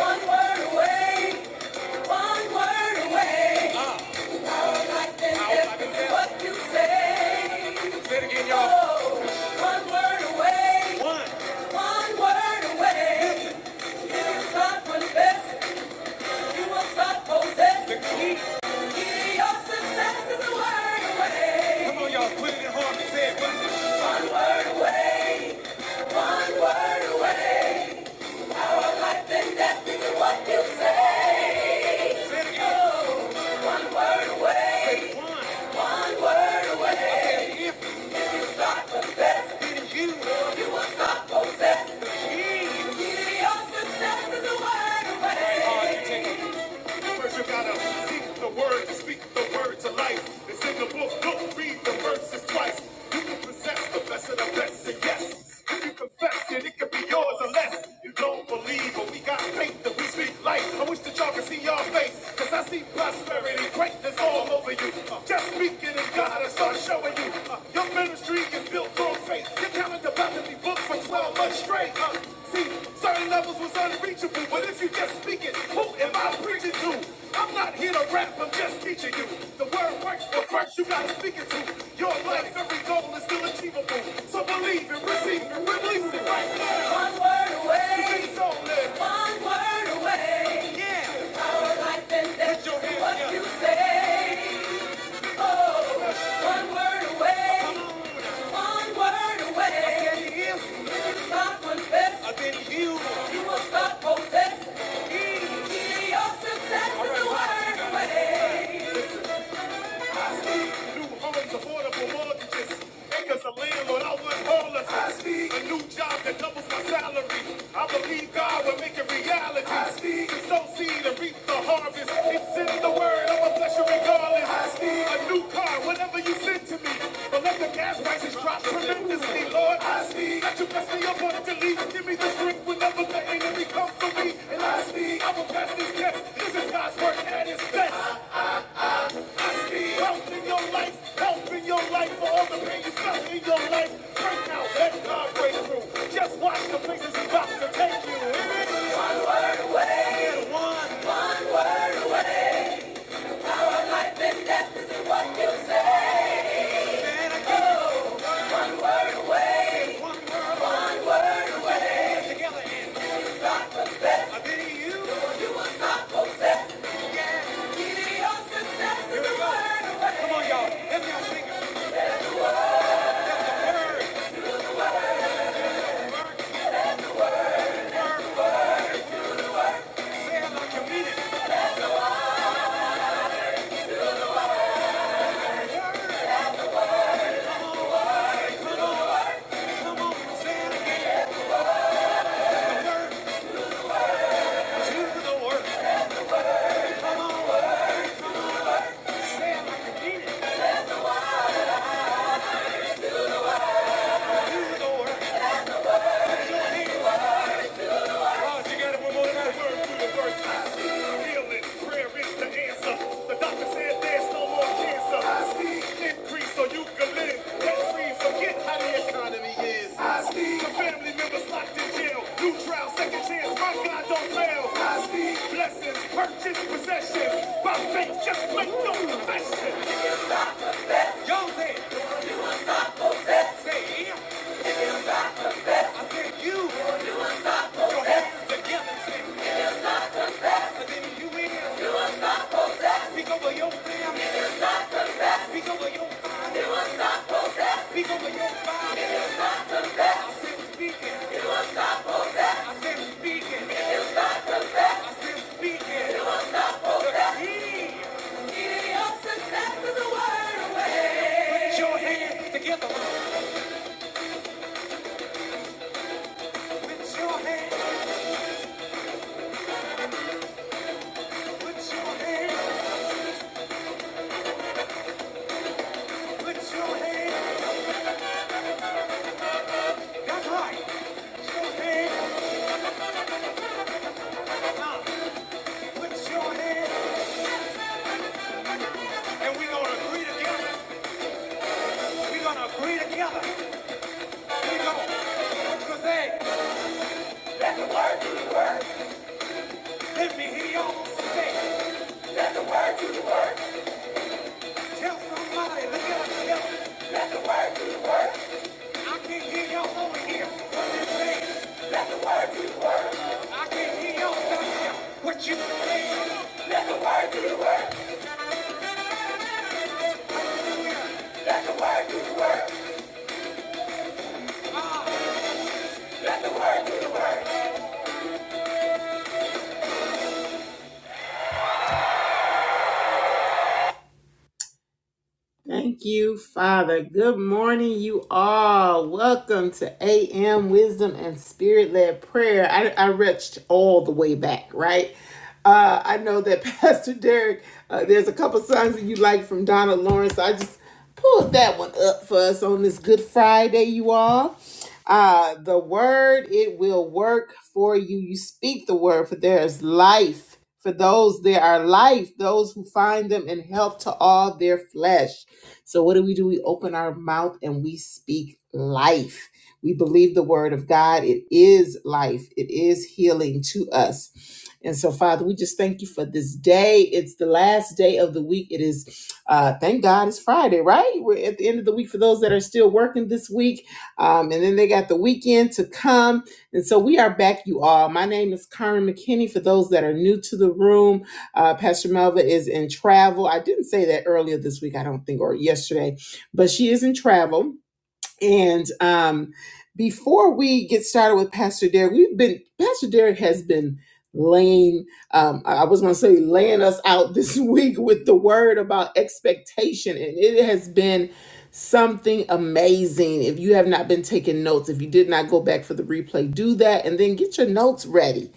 One word away, one word away. All I can get is what you say. Say Oh, word away, one word away. Here's God manifest. You must not possess the key. Key of success is a word away. Come on, y'all, put it in harmony. Say it with me. One word away. One word away. Our life and death is in what you say. Say it again. Oh, one word away. Say one. One word away. I said if. If you start confessing, then you. You will stop possessing. The key. Key of success is a word away. First you gotta seek the word, to speak the word to life. It's in the book, don't read the verses twice. You can possess the best of the best, and yes. If you confess it, it could be yours unless you don't believe. But we got faith that we speak life. I wish that y'all could see your face, cause I see prosperity, greatness all over you. Just speak it in God and start showing you. Your ministry is built Full faith, calendar's about to be booked for 12 months straight. Uh, see, certain levels was unreachable, but if you just speak it, who am I preaching to? I'm not here to rap, I'm just teaching you. The word works, but first you gotta speak it to. Your life, every goal is still achievable. So believe it, receive it, release it right now. One word away. You away, need soul one word away. Yeah. Our life and death what you say. Oh, one word away, one word away. You will stop confessing. You will stop possessing. Your success is a word away. A new homes, affordable mortgages, acres of land without one homelessness. A new job that doubles my salary. I believe God will make it reality. To sow seed and reap the harvest. It's in the word. I'm a bless you regardless. A new car, whatever you send to me. But let the gas prices drop tremendously, Lord. Let you bless me up on it to lead. Give me the strength whenever the enemy comes for me. And I speak. I will pass this test. This is God's work at its best. Health in your life, health in your life for all the pain you felt in your life. Break out, let God break through. Just watch the places He's about to take you. Amen. Way, one, one word away. Our life and death is in what you say. Man, I give you one word away. One word, one word away. Put it Together and I pity you. You will not possess. Give your success is a word away. Come on, y'all. Let me all sing it. That's a word, word, word. Say it like you mean it. Do the work. Uh, you I word no so family no yeah. Speak over your family, Speak over your body. I said speaking. I said speaking. I said speaking. He, he ups and taps The key of success is a word away. Put your hands together. Put your hands. Put your hands. Put your hands. That's right. Put your hands up. Put your hands. And we're gonna agree together. We're gonna agree together. We're gonna. What you say? Let me hear y'all say. Tell somebody. Look at them. Let the word. Thank you, Father. Good morning, you all. Welcome to AM Wisdom and Spirit Led Prayer. I, I reached all the way back, right? Uh, I know that Pastor Derek, uh, there's a couple songs that you like from Donna Lawrence. So I just pull that one up for us on this Good Friday, you all. Uh, the word, it will work for you. You speak the word, for there is life. For those there are life, those who find them and help to all their flesh. So what do we do? We open our mouth and we speak life. We believe the word of God. It is life, it is healing to us. And so, Father, we just thank you for this day. It's the last day of the week. It is, uh, thank God it's Friday, right? We're at the end of the week for those that are still working this week. Um, and then they got the weekend to come. And so we are back, you all. My name is Karen McKinney. For those that are new to the room, uh, Pastor Melva is in travel. I didn't say that earlier this week, I don't think, or yesterday, but she is in travel and um, before we get started with Pastor Derek, we've been Pastor Derek has been laying. Um, I I was going to say laying us out this week with the word about expectation, and it has been something amazing. If you have not been taking notes, if you did not go back for the replay, do that, and then get your notes ready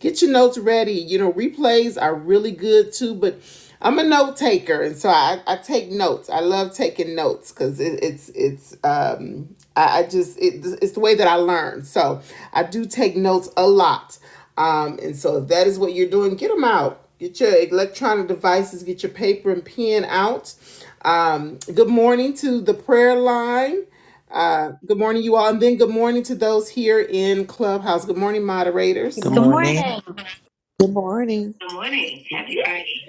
get your notes ready. You know, replays are really good too, but I'm a note taker, and so I, I take notes. I love taking notes because it, it's it's um I, I just it, it's the way that I learn. So I do take notes a lot. Um, and so if that is what you're doing, get them out. Get your electronic devices. Get your paper and pen out. Um, good morning to the prayer line. Uh, good morning, you all, and then good morning to those here in Clubhouse. Good morning, Good moderators. Good Good morning. morning. morning. Good morning.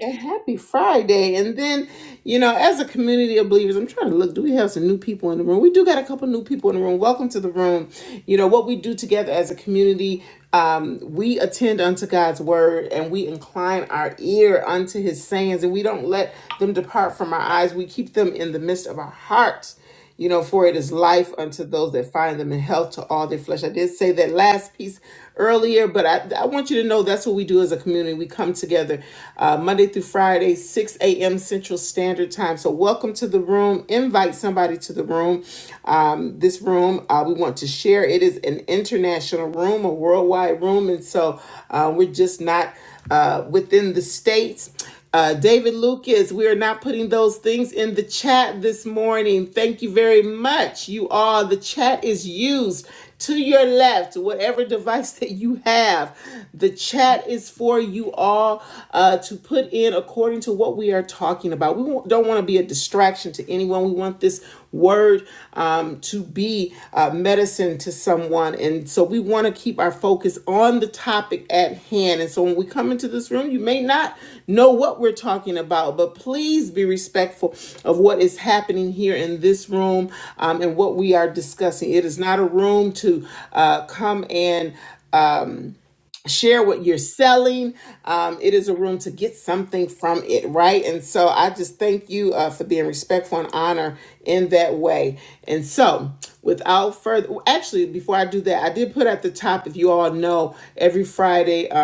And happy Friday. And then, you know, as a community of believers, I'm trying to look, do we have some new people in the room? We do got a couple new people in the room. Welcome to the room. You know, what we do together as a community, um, we attend unto God's word and we incline our ear unto his sayings and we don't let them depart from our eyes. We keep them in the midst of our hearts. You know, for it is life unto those that find them in health to all their flesh. I did say that last piece earlier, but I, I want you to know that's what we do as a community. We come together uh, Monday through Friday, 6 a.m. Central Standard Time. So, welcome to the room. Invite somebody to the room this room. Uh, we want to share. It is an international room, a worldwide room, and so uh, we're just not uh, within the states. Uh, David Lucas, we are not putting those things in the chat this morning. Thank you very much, you all. The chat is used to your left, whatever device that you have. The chat is for you all uh, to put in according to what we are talking about. We don't want to be a distraction to anyone. We want this word um, to be uh, medicine to someone. And so we want to keep our focus on the topic at hand. And so when we come into this room, you may not know what we're talking about, but please be respectful of what is happening here in this room um, and what we are discussing. It is not a room to uh, come and share what you're selling. Um, it is a room to get something from it, right? And so I just thank you uh, for being respectful and honor in that way. And so, without further, actually, before I do that, I did put at the top, if you all know, every Friday. uh,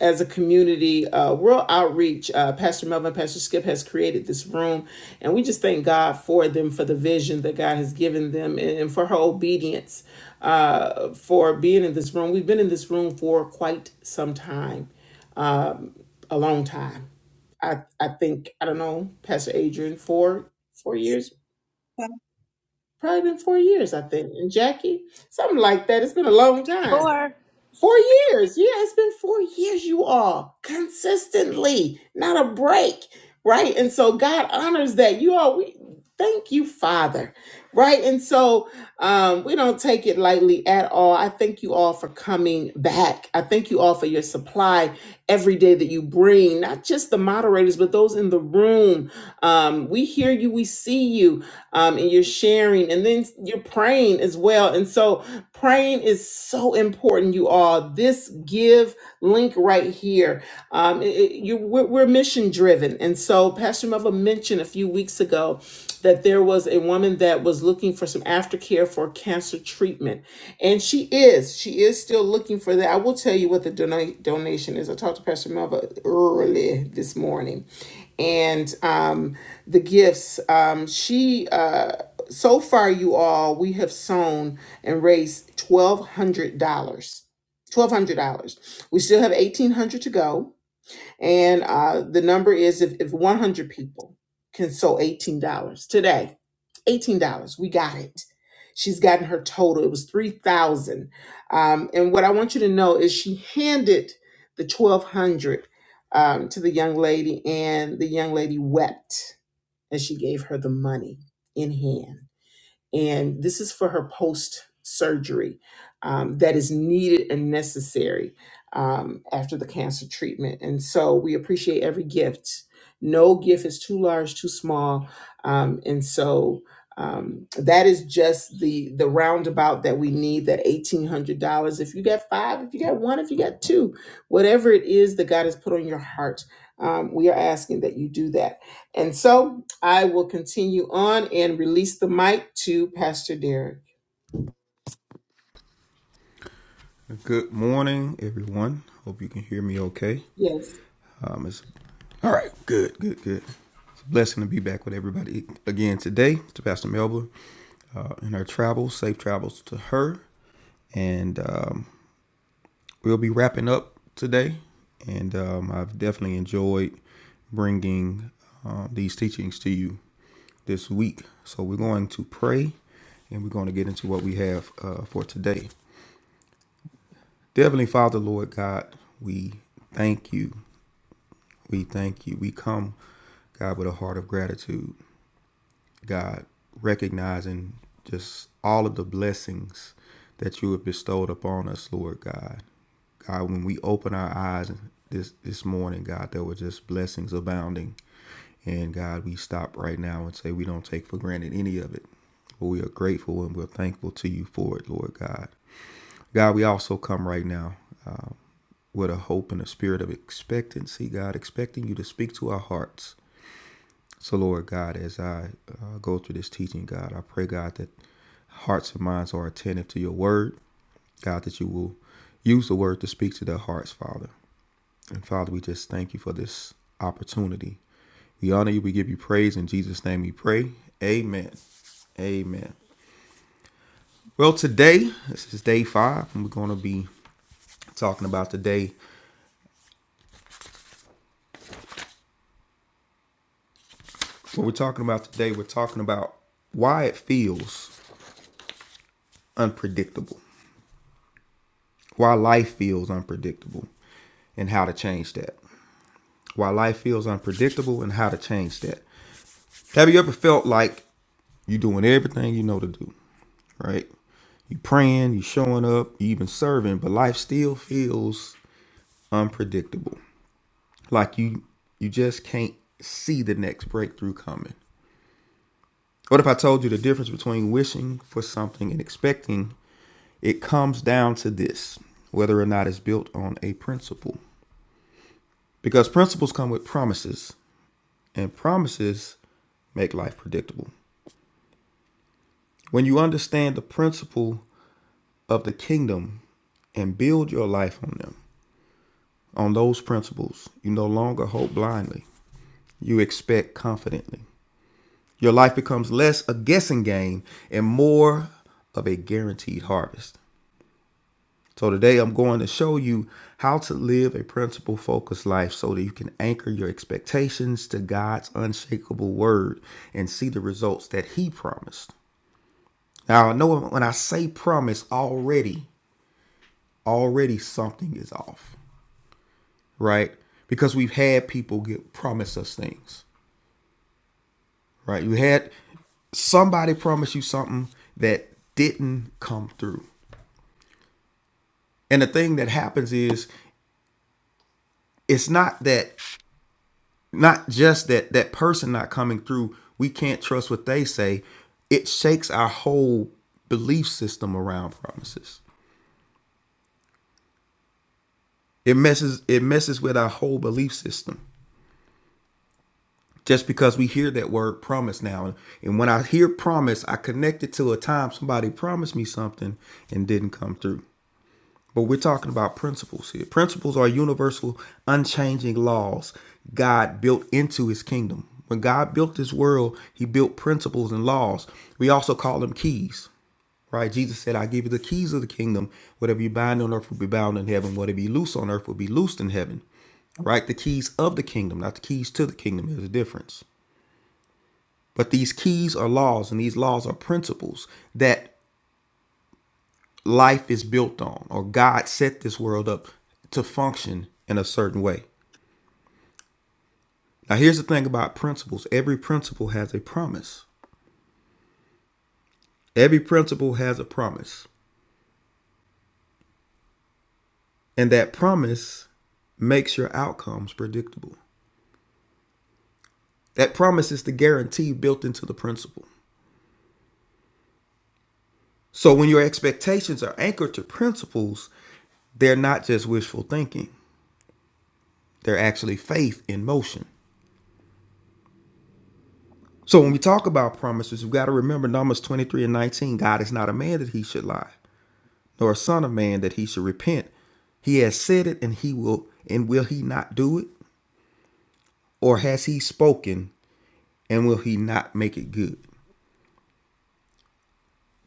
as a community uh, world outreach. Uh, Pastor Melvin, Pastor Skip has created this room, and we just thank God for them, for the vision that God has given them, and, and for her obedience uh, for being in this room. We've been in this room for quite some time, a long time. I I think I don't know, Pastor Adrian, four four years, Uh, probably been four years, I think, and Jackie, something like that. It's been a long time. Four. Four years. Yeah, it's been four years, you all, consistently, not a break, right? And so God honors that. You all, we thank you, Father, right? And so um, we don't take it lightly at all. I thank you all for coming back. I thank you all for your supply every day that you bring, not just the moderators, but those in the room. Um, we hear you, we see you, um, and you're sharing, and then you're praying as well. And so, praying is so important you all you all this give link right here. Um, it- it- you, we're, we're mission driven, and so Pastor Melva mentioned a few weeks ago that there was a woman that was looking for some aftercare for cancer treatment, and she is she is still looking for that. I will tell you what the donate donation is. I talked to Pastor Melva early this morning, and um, the gifts. Um, she uh, so far, you all, we have sown and raised twelve hundred dollars twelve hundred dollars. We still have eighteen hundred dollars to go, and uh, the number is if, if one hundred people can sew eighteen dollars today, eighteen dollars. We got it. She's gotten her total. It was three thousand. dollars. Um, and what I want you to know is she handed the twelve hundred dollars um, to the young lady, and the young lady wept as she gave her the money in hand and this is for her post surgery um, that is needed and necessary um, after the cancer treatment. And so we appreciate every gift. No gift is too large, too small, um, and so um, that is just the the roundabout that we need. That eighteen hundred dollars. If you got five, if you got one, if you got two, whatever it is that God has put on your heart, um, we are asking that you do that. And so I will continue on and release the mic to Pastor Derek. Good morning, everyone. Hope you can hear me okay. Yes. Um, it's all right. Good, good, good. It's a blessing to be back with everybody again today. To Pastor Melba uh, in her travels, safe travels to her, and um, we'll be wrapping up today. And um, I've definitely enjoyed bringing uh, these teachings to you this week. So we're going to pray, and we're going to get into what we have uh, for today. Heavenly Father, Lord God, we thank you We thank you. We come, God, with a heart of gratitude. God, recognizing just all of the blessings that you have bestowed upon us, Lord God. God, when we open our eyes this this morning, God, there were just blessings abounding. And God, we stop right now and say we don't take for granted any of it. But we are grateful and we're thankful to you for it, Lord God. God, we also come right now with a hope and a spirit of expectancy, God, expecting you to speak to our hearts So, Lord God, as I uh, go through this teaching, God, I pray, God, that hearts and minds are attentive to your word. God, that you will use the word to speak to their hearts, Father. And Father, we just thank you for this opportunity. We honor you. We give you praise. In Jesus' name we pray. Amen. Amen. Well, today, this is day five, and we're going to be talking about today. What we're talking about today, we're talking about why it feels unpredictable. why life feels unpredictable and how to change that. Why life feels unpredictable and how to change that. Have you ever felt like you're doing everything you know to do, right? You praying, you showing up, you even serving, but life still feels unpredictable. Like you you just can't see the next breakthrough coming. What if I told you the difference between wishing for something and expecting? It comes down to this, whether or not it's built on a principle. Because principles come with promises, and promises make life predictable. When you understand the principle of the kingdom and build your life on them, on those principles, you no longer hope blindly. You expect confidently. Your life becomes less a guessing game and more of a guaranteed harvest. So, today I'm going to show you how to live a principle focused life so that you can anchor your expectations to God's unshakable word and see the results that He promised. Now, I know when I say promise, already, already something is off, right? Because we've had people get promise us things, right? You had somebody promise you something that didn't come through. And the thing that happens is it's not that not just that that person not coming through, we can't trust what they say. It shakes our whole belief system around promises. It messes it messes with our whole belief system just because we hear that word promise now and, and when i hear promise i connect it to a time somebody promised me something and didn't come through but we're talking about principles here principles are universal unchanging laws god built into his kingdom when god built this world he built principles and laws we also call them keys right jesus said i give you the keys of the kingdom whatever you bind on earth will be bound in heaven whatever you loose on earth will be loosed in heaven right the keys of the kingdom not the keys to the kingdom there's a difference but these keys are laws, and these laws are principles that life is built on, or God set this world up to function in a certain way. Now, here's the thing about principles every principle has a promise. Every principle has a promise, and that promise makes your outcomes predictable. That promise is the guarantee built into the principle. So, when your expectations are anchored to principles, they're not just wishful thinking, they're actually faith in motion. So when we talk about promises, we've got to remember Numbers 23 and 19. God is not a man that he should lie, nor a son of man that he should repent. He has said it and he will and will he not do it? Or has he spoken and will he not make it good?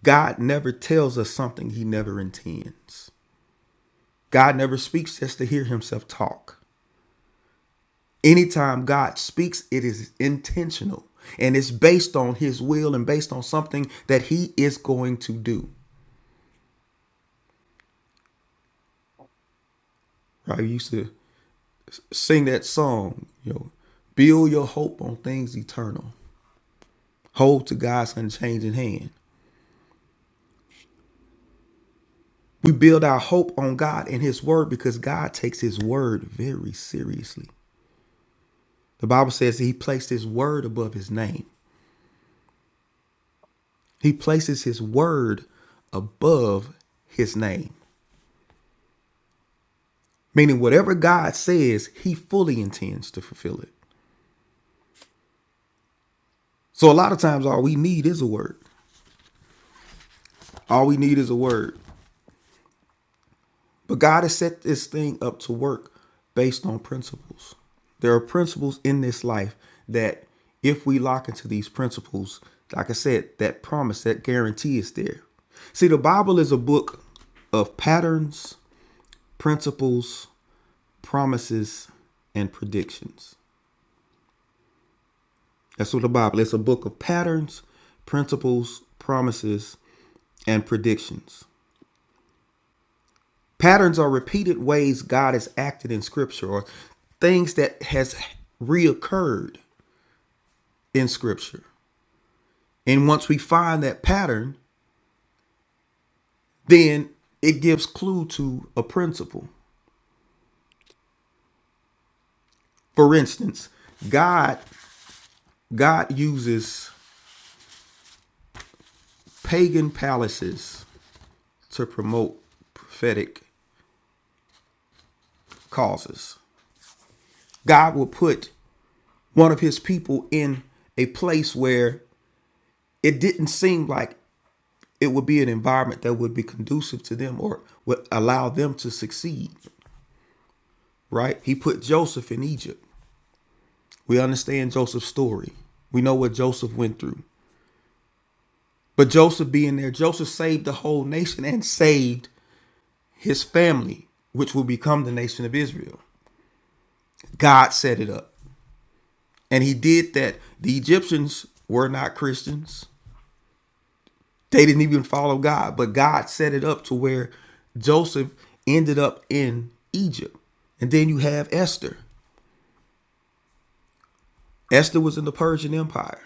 God never tells us something he never intends. God never speaks just to hear himself talk. Anytime God speaks, it is intentional and it's based on his will and based on something that he is going to do. I used to sing that song, you know, build your hope on things eternal. Hold to God's unchanging hand. We build our hope on God and His Word because God takes His Word very seriously. The Bible says He placed His Word above His name. He places His Word above His name, meaning whatever God says, He fully intends to fulfill it. So a lot of times, all we need is a word. All we need is a word. But God has set this thing up to work based on principles. There are principles in this life that, if we lock into these principles, like I said, that promise, that guarantee is there. See, the Bible is a book of patterns, principles, promises, and predictions. That's what the Bible is It's a book of patterns, principles, promises, and predictions. Patterns are repeated ways God has acted in scripture or things that has reoccurred in scripture. And once we find that pattern, then it gives clue to a principle. For instance, God God uses pagan palaces to promote prophetic causes. God will put one of his people in a place where it didn't seem like it would be an environment that would be conducive to them or would allow them to succeed, right? He put Joseph in Egypt. We understand Joseph's story. We know what Joseph went through. But Joseph being there, Joseph saved the whole nation and saved his family, which will become the nation of Israel. God set it up. And he did that. The Egyptians were not Christians. They didn't even follow God, but God set it up to where Joseph ended up in Egypt. And then you have Esther. Esther was in the Persian Empire.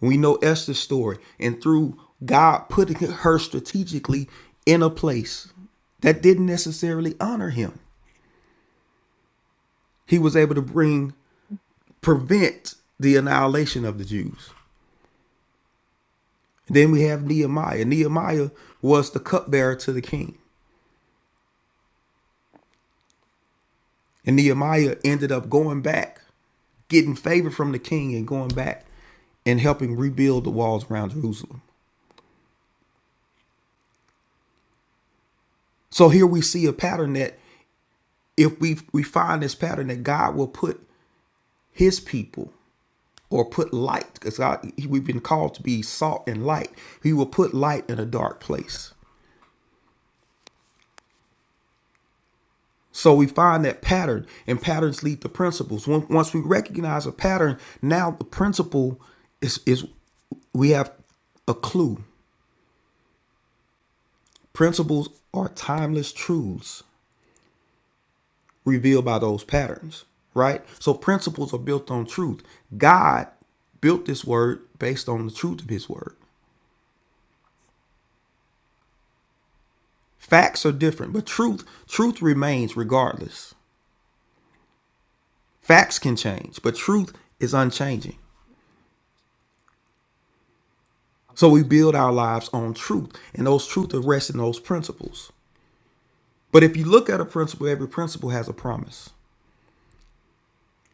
We know Esther's story. And through God putting her strategically in a place that didn't necessarily honor him, he was able to bring, prevent the annihilation of the Jews. And Then we have Nehemiah. Nehemiah was the cupbearer to the king. And Nehemiah ended up going back, getting favor from the king and going back and helping rebuild the walls around Jerusalem. So here we see a pattern that if we we find this pattern that God will put His people or put light, because we've been called to be salt and light. He will put light in a dark place. So we find that pattern, and patterns lead to principles. Once once we recognize a pattern, now the principle is is we have a clue. Principles are timeless truths revealed by those patterns, right? So principles are built on truth. God built this word based on the truth of his word. Facts are different, but truth truth remains regardless. Facts can change, but truth is unchanging. So we build our lives on truth, and those truths are resting those principles. But if you look at a principle, every principle has a promise.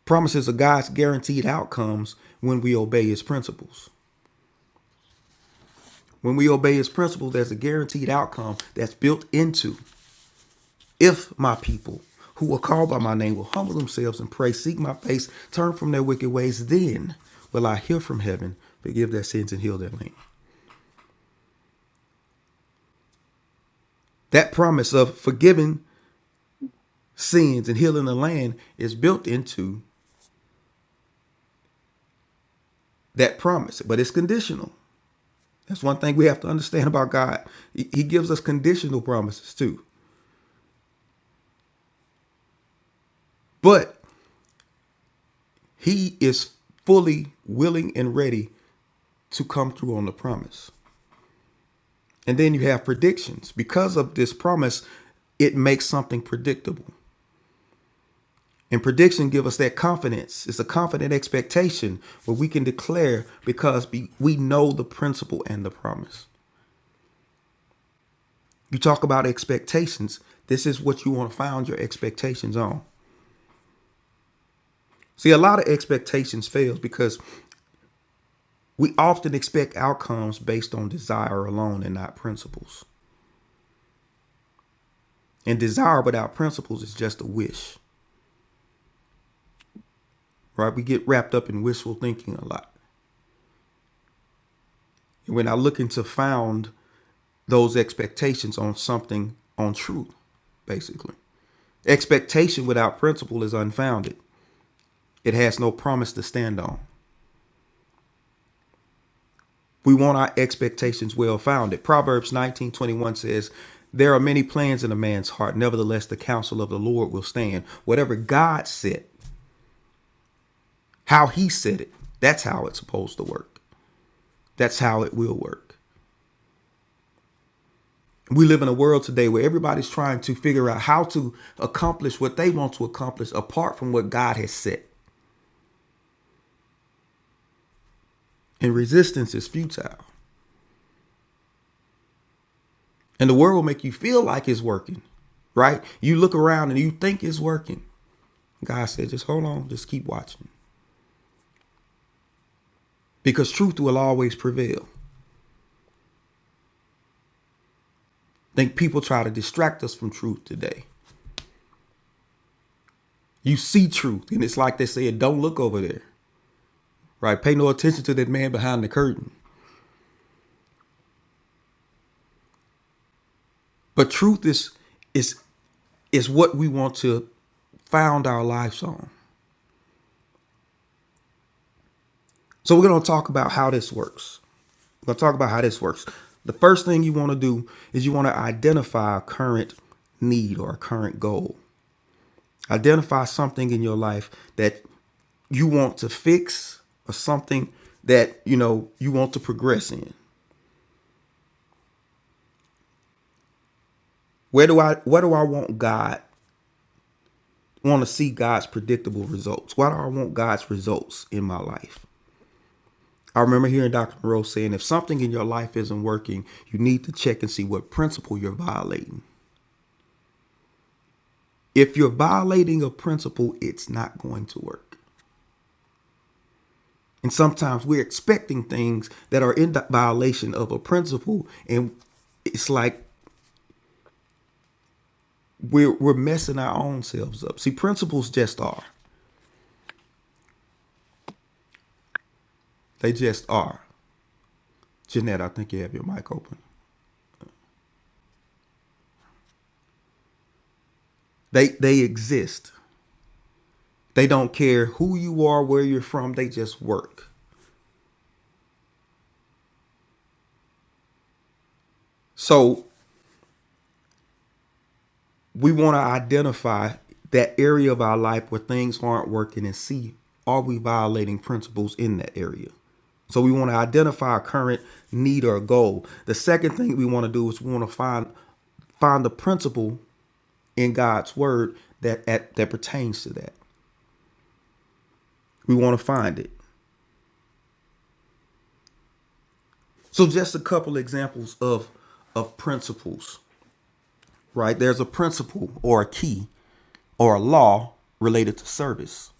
Promises are God's guaranteed outcomes when we obey his principles. When we obey his principles, there's a guaranteed outcome that's built into If my people who are called by my name will humble themselves and pray, seek my face, turn from their wicked ways, then will I hear from heaven, forgive their sins, and heal their land. That promise of forgiving sins and healing the land is built into that promise, but it's conditional. That's one thing we have to understand about God. He gives us conditional promises too, but He is fully willing and ready to come through on the promise. And then you have predictions. Because of this promise, it makes something predictable. And prediction gives us that confidence. It's a confident expectation where we can declare because we know the principle and the promise. You talk about expectations. This is what you want to found your expectations on. See, a lot of expectations fails because we often expect outcomes based on desire alone and not principles. And desire without principles is just a wish, right? We get wrapped up in wishful thinking a lot. We're not looking to found those expectations on something on truth, basically. Expectation without principle is unfounded. It has no promise to stand on. We want our expectations well founded. Proverbs 19:21 says, "There are many plans in a man's heart, nevertheless the counsel of the Lord will stand." Whatever God said, how he said it, that's how it's supposed to work. That's how it will work. we live in a world today where everybody's trying to figure out how to accomplish what they want to accomplish apart from what God has set. And resistance is futile. And the world will make you feel like it's working, right? You look around and you think it's working. God said, just hold on, just keep watching. Because truth will always prevail. I think people try to distract us from truth today. You see truth, and it's like they said, don't look over there, right? Pay no attention to that man behind the curtain. But truth is is is what we want to found our lives on. So we're going to talk about how this works. We're going to talk about how this works. The first thing you want to do is you want to identify a current need or a current goal. Identify something in your life that you want to fix or something that you know you want to progress in where do i where do i want god want to see god's predictable results why do i want god's results in my life I remember hearing Dr. Monroe saying if something in your life isn't working, you need to check and see what principle you're violating. If you're violating a principle, it's not going to work. And sometimes we're expecting things that are in violation of a principle, and it's like we're, we're messing our own selves up. See, principles just are. They just are. Jeanette, I think you have your mic open. They, they exist. They don't care who you are, where you're from, they just work. So we want to identify that area of our life where things aren't working and see are we violating principles in that area. So we want to identify our current need or goal. The second thing we want to do is we want to find find the principle in God's word that at, that pertains to that. We want to find it. So just a couple examples of of principles, right? There's a principle or a key or a law related to service.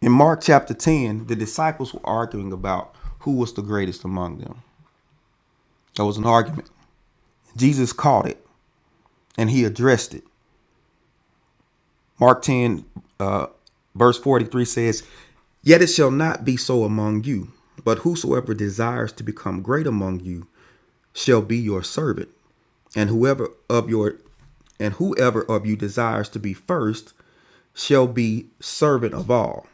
In Mark chapter 10, the disciples were arguing about who was the greatest among them. There was an argument. Jesus caught it and he addressed it. Mark 10, uh, verse 43 says, Yet it shall not be so among you, but whosoever desires to become great among you shall be your servant, and whoever of your and whoever of you desires to be first shall be servant of all.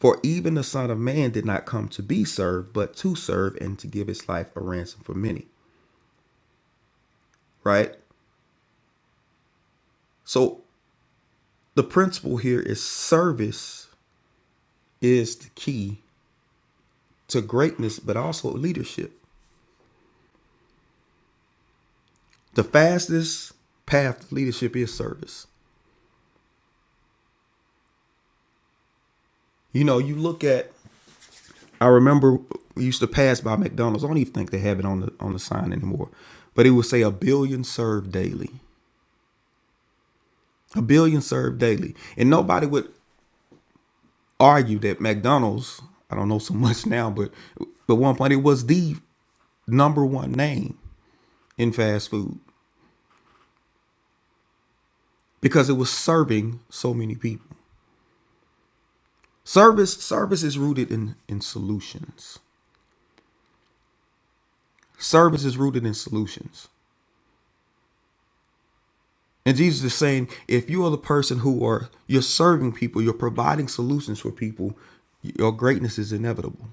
For even the Son of Man did not come to be served, but to serve and to give his life a ransom for many. Right? So the principle here is service is the key to greatness, but also leadership. The fastest path to leadership is service. You know, you look at I remember we used to pass by McDonald's. I don't even think they have it on the on the sign anymore. But it would say a billion served daily. A billion served daily. And nobody would argue that McDonald's, I don't know so much now, but but one point it was the number one name in fast food because it was serving so many people. Service service is rooted in in solutions. Service is rooted in solutions. And Jesus is saying, if you are the person who are you're serving people, you're providing solutions for people, your greatness is inevitable.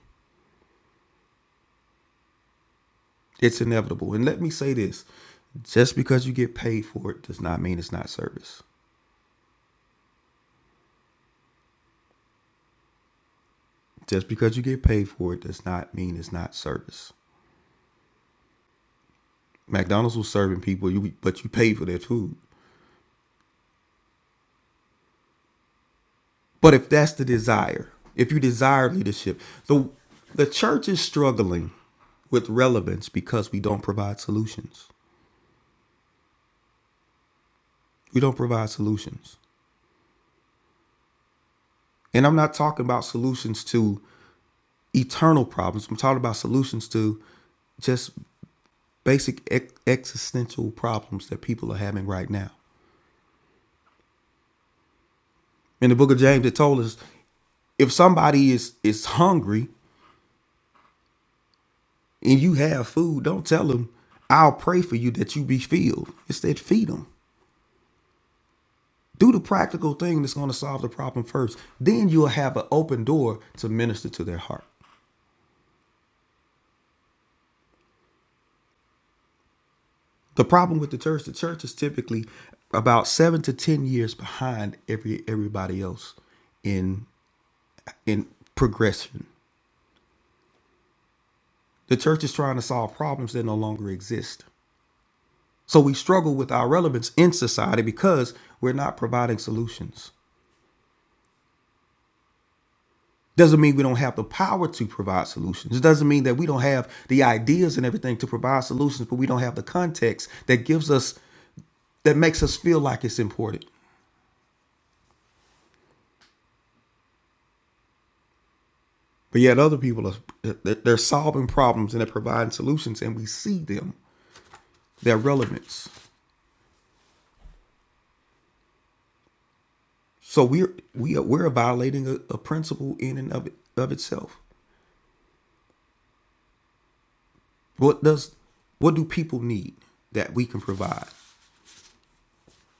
It's inevitable. And let me say this, just because you get paid for it does not mean it's not service. Just because you get paid for it does not mean it's not service. McDonald's was serving people, you but you paid for their food. But if that's the desire, if you desire leadership, the the church is struggling with relevance because we don't provide solutions. We don't provide solutions. And I'm not talking about solutions to eternal problems. I'm talking about solutions to just basic ex- existential problems that people are having right now. In the book of James, it told us if somebody is is hungry and you have food, don't tell them, I'll pray for you that you be filled. Instead, feed them. Do the practical thing that's going to solve the problem first. Then you'll have an open door to minister to their heart. The problem with the church, the church is typically about seven to ten years behind every everybody else in in progression. The church is trying to solve problems that no longer exist. So we struggle with our relevance in society because we're not providing solutions. Doesn't mean we don't have the power to provide solutions. It doesn't mean that we don't have the ideas and everything to provide solutions, but we don't have the context that gives us, that makes us feel like it's important. But yet other people are, they're solving problems and they're providing solutions and we see them, their relevance. So we're, we are, we're violating a, a principle in and of, it, of itself. What does, what do people need that we can provide?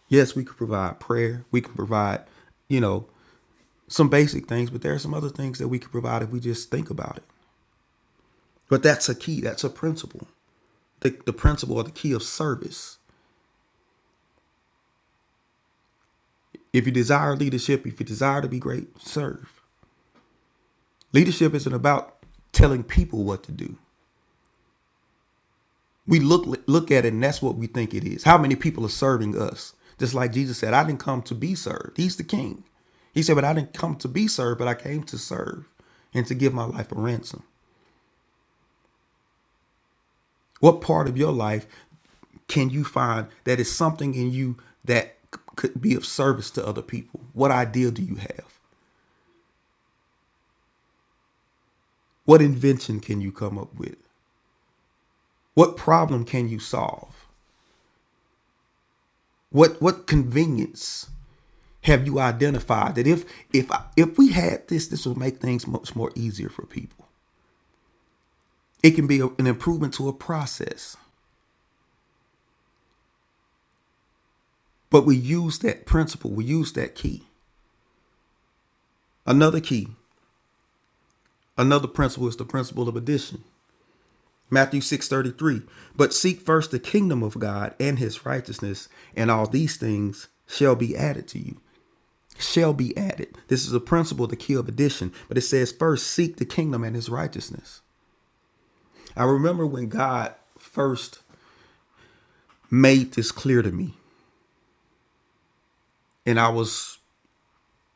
Yes, we could provide prayer. We can provide, you know, some basic things, but there are some other things that we could provide if we just think about it. But that's a key. That's a principle. The, the principle or the key of service. If you desire leadership, if you desire to be great, serve. Leadership isn't about telling people what to do. We look look at it, and that's what we think it is. How many people are serving us? Just like Jesus said, I didn't come to be served. He's the King. He said, but I didn't come to be served, but I came to serve and to give my life a ransom. What part of your life can you find that is something in you that c- could be of service to other people? What idea do you have? What invention can you come up with? What problem can you solve? What what convenience have you identified that if if I, if we had this, this would make things much more easier for people. It can be a- an improvement to a process, but we use that principle. We use that key. Another key, another principle is the principle of addition. Matthew 6:33. But seek first the kingdom of God and his righteousness, and all these things shall be added to you. Shall be added. This is a principle to kill addition, but it says first seek the kingdom and his righteousness. I remember when God first made this clear to me, and I was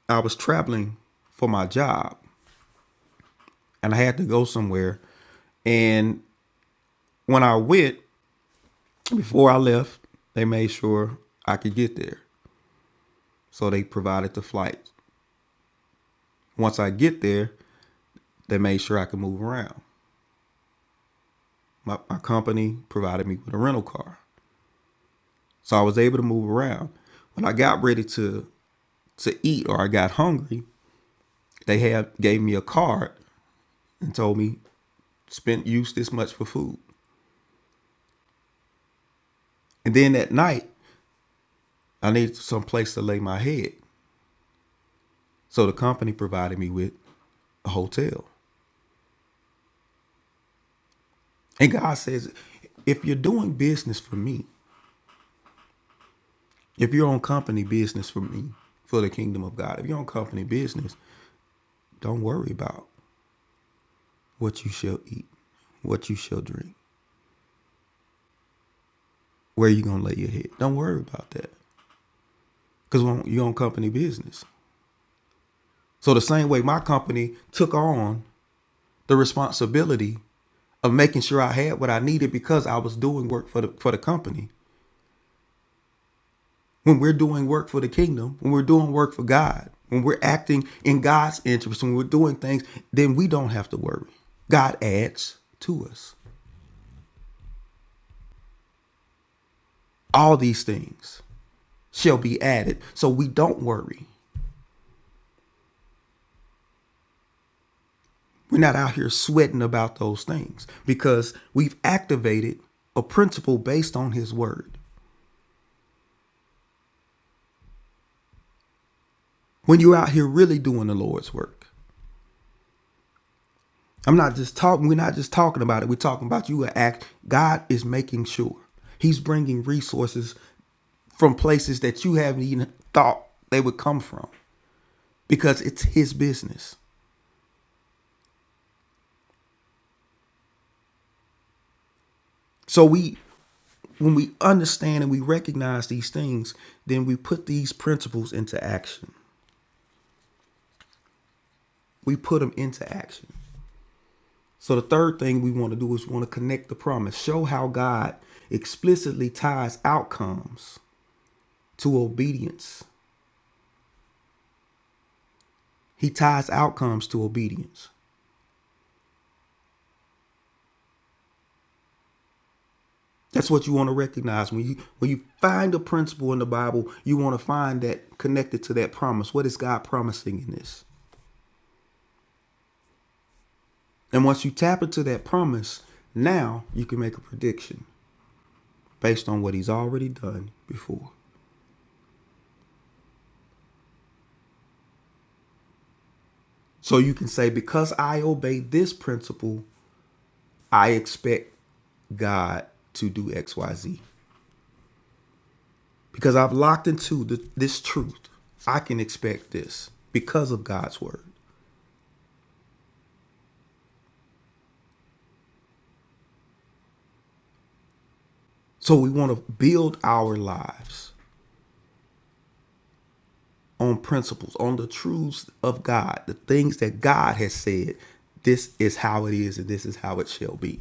I was traveling for my job and I had to go somewhere. And when I went, before I left, they made sure I could get there. So they provided the flight Once I get there, they made sure I could move around. My, my company provided me with a rental car. So I was able to move around. When I got ready to to eat or I got hungry, they had gave me a card and told me spend use this much for food. And then at night, I needed some place to lay my head. So the company provided me with a hotel. And God says, if you're doing business for me, if you're on company business for me, for the kingdom of God, if you're on company business, Don't worry about what you shall eat, what you shall drink, where you gonna lay your head. Don't worry about that, cause you own company business. So the same way my company took on the responsibility of making sure I had what I needed because I was doing work for the for the company. When we're doing work for the kingdom, when we're doing work for God, when we're acting in God's interest, when we're doing things, then we don't have to worry. God adds to us. All these things shall be added. So we don't worry. We're not out here sweating about those things because we've activated a principle based on his word. When you're out here really doing the Lord's work, I'm not just talking, we're not just talking about it. We're talking about you act. God is making sure he's bringing resources from places that you haven't even thought they would come from because it's his business. So we when we understand and we recognize these things, then we put these principles into action. We put them into action. So the third thing we want to do is we want to connect the promise. Show how God explicitly ties outcomes to obedience. He ties outcomes to obedience. That's what you want to recognize when you when you find a principle in the Bible, you want to find that connected to that promise. What is God promising in this? And once you tap into that promise, now you can make a prediction based on what he's already done before. So you can say because I obey this principle, I expect God to do XYZ because I've locked into the, this truth. I can expect this because of God's word. So we want to build our lives on principles, on the truths of God, the things that God has said. This is how it is, and this is how it shall be.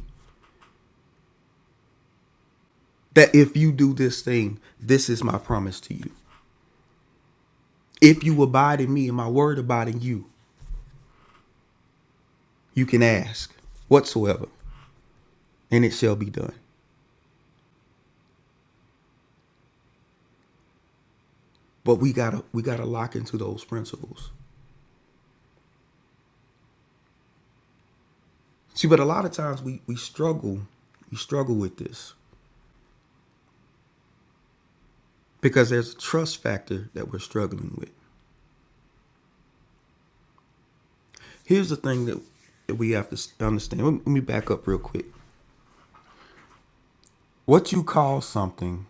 That if you do this thing, this is my promise to you. If you abide in me and my word abide in you, you can ask whatsoever, and it shall be done. But we gotta we gotta lock into those principles. See, but a lot of times we we struggle we struggle with this because there's a trust factor that we're struggling with. Here's the thing that that we have to understand. let me back up real quick. What you call something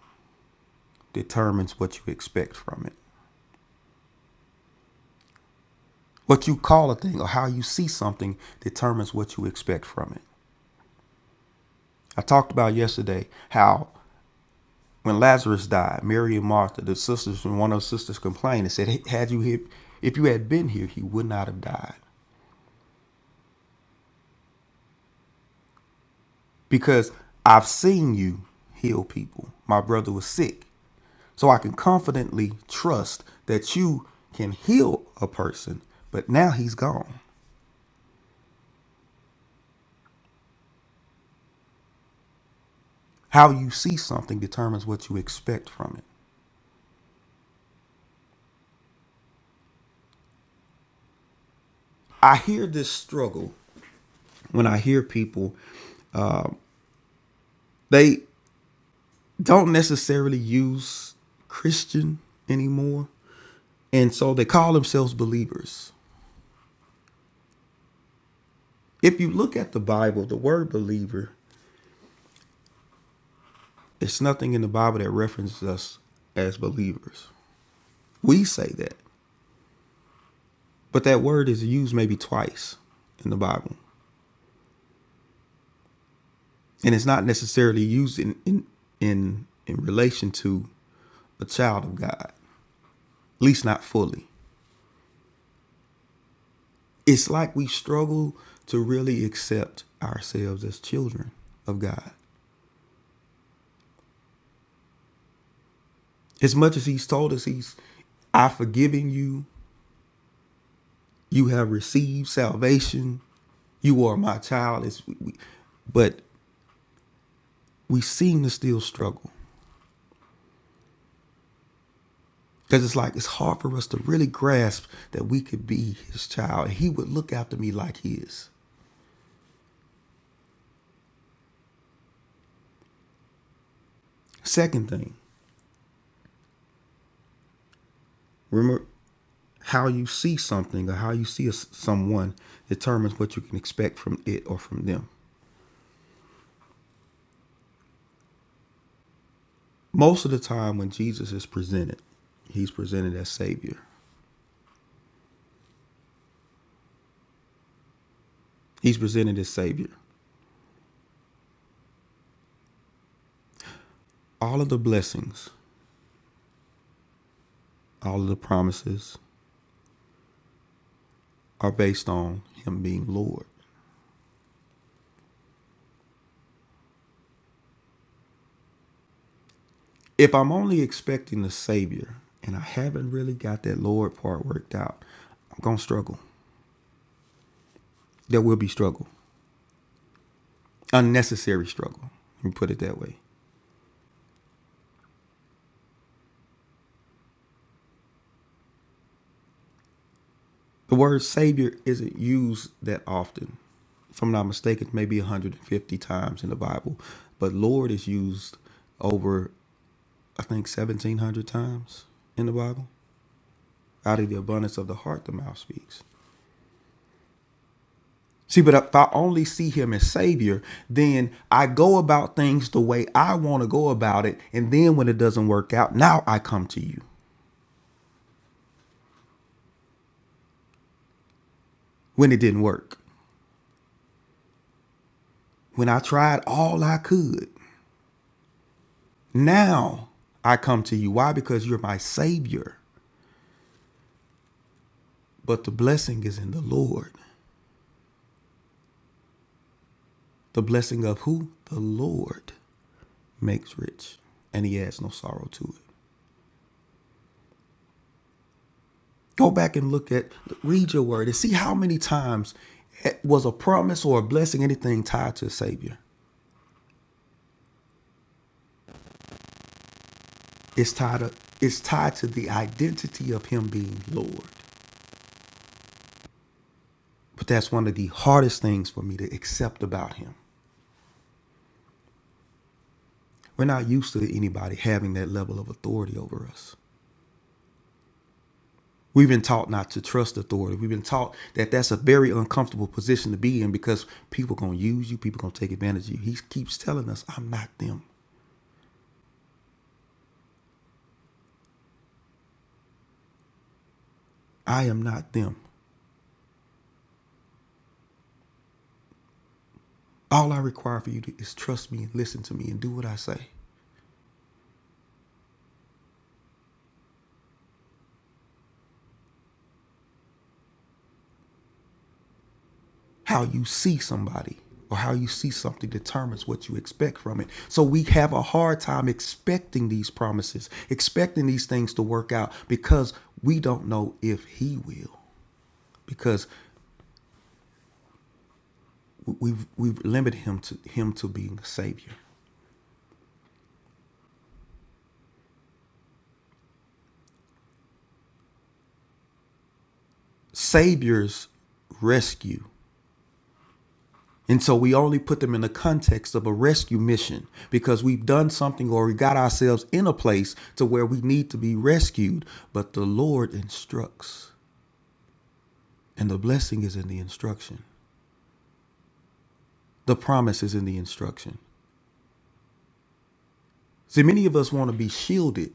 determines what you expect from it. What you call a thing or how you see something determines what you expect from it. I talked about yesterday how when Lazarus died, Mary and Martha, the sisters, when one of those sisters complained and said, "Hey, "Had you hit, if you had been here, he would not have died." Because I've seen you heal people. My brother was sick, so I can confidently trust that you can heal a person. But now he's gone. How you see something determines what you expect from it. I hear this struggle when I hear people. They don't necessarily use Christian anymore And so they call themselves believers. If you look at the Bible, the word believer, it's nothing in the Bible that references us as believers. We say that, but that word is used maybe twice in the Bible. And it's not necessarily used in in in, in relation to a child of God, at least not fully. It's like we struggle to really accept ourselves as children of God. As much as He's told us He's, I've forgiven you, You have received salvation. You are my child. It's, we, we- but we seem to still struggle because it's like it's hard for us to really grasp that we could be his child. He would look after me like his. Second thing, remember how you see something or how you see a s someone determines what you can expect from it or from them. Most of the time, when Jesus is presented, he's presented as Savior. He's presented as Savior. All of the blessings, all of the promises, are based on him being Lord. If I'm only expecting the Savior and I haven't really got that Lord part worked out, I'm going to struggle. There will be struggle, unnecessary struggle. Let me put it that way. The word Savior isn't used that often. If I'm not mistaken, maybe 150 times in the Bible, but Lord is used over, I think, 1,700 times in the Bible. Out of the abundance of the heart, the mouth speaks. See, but if I only see him as Savior, then I go about things the way I want to go about it. And then when it doesn't work out, now I come to you. When it didn't work, when I tried all I could, now I come to you. Why? Because you're my Savior. But the blessing is in the Lord. The blessing of who? The Lord makes rich, and he adds no sorrow to it. Go back and look at, read your word and see how many times was a promise or a blessing, anything tied to a Savior. It's tied, to, it's tied to the identity of Him being Lord. But that's one of the hardest things for me to accept about Him. We're not used to anybody having that level of authority over us. We've been taught not to trust authority. We've been taught that that's a very uncomfortable position to be in because people going to use you, people going to take advantage of you. He keeps telling us, I'm not them. I am not them. All I require for you to, is trust me and listen to me and do what I say. How you see somebody or how you see something determines what you expect from it. So we have a hard time expecting these promises, expecting these things to work out because we don't know if he will because we- have we've limited him to him to being a savior. Saviors rescue. And so we only put them in the context of a rescue mission because we've done something or we got ourselves in a place to where we need to be rescued. But the Lord instructs, and the blessing is in the instruction, the promise is in the instruction. See, many of us want to be shielded.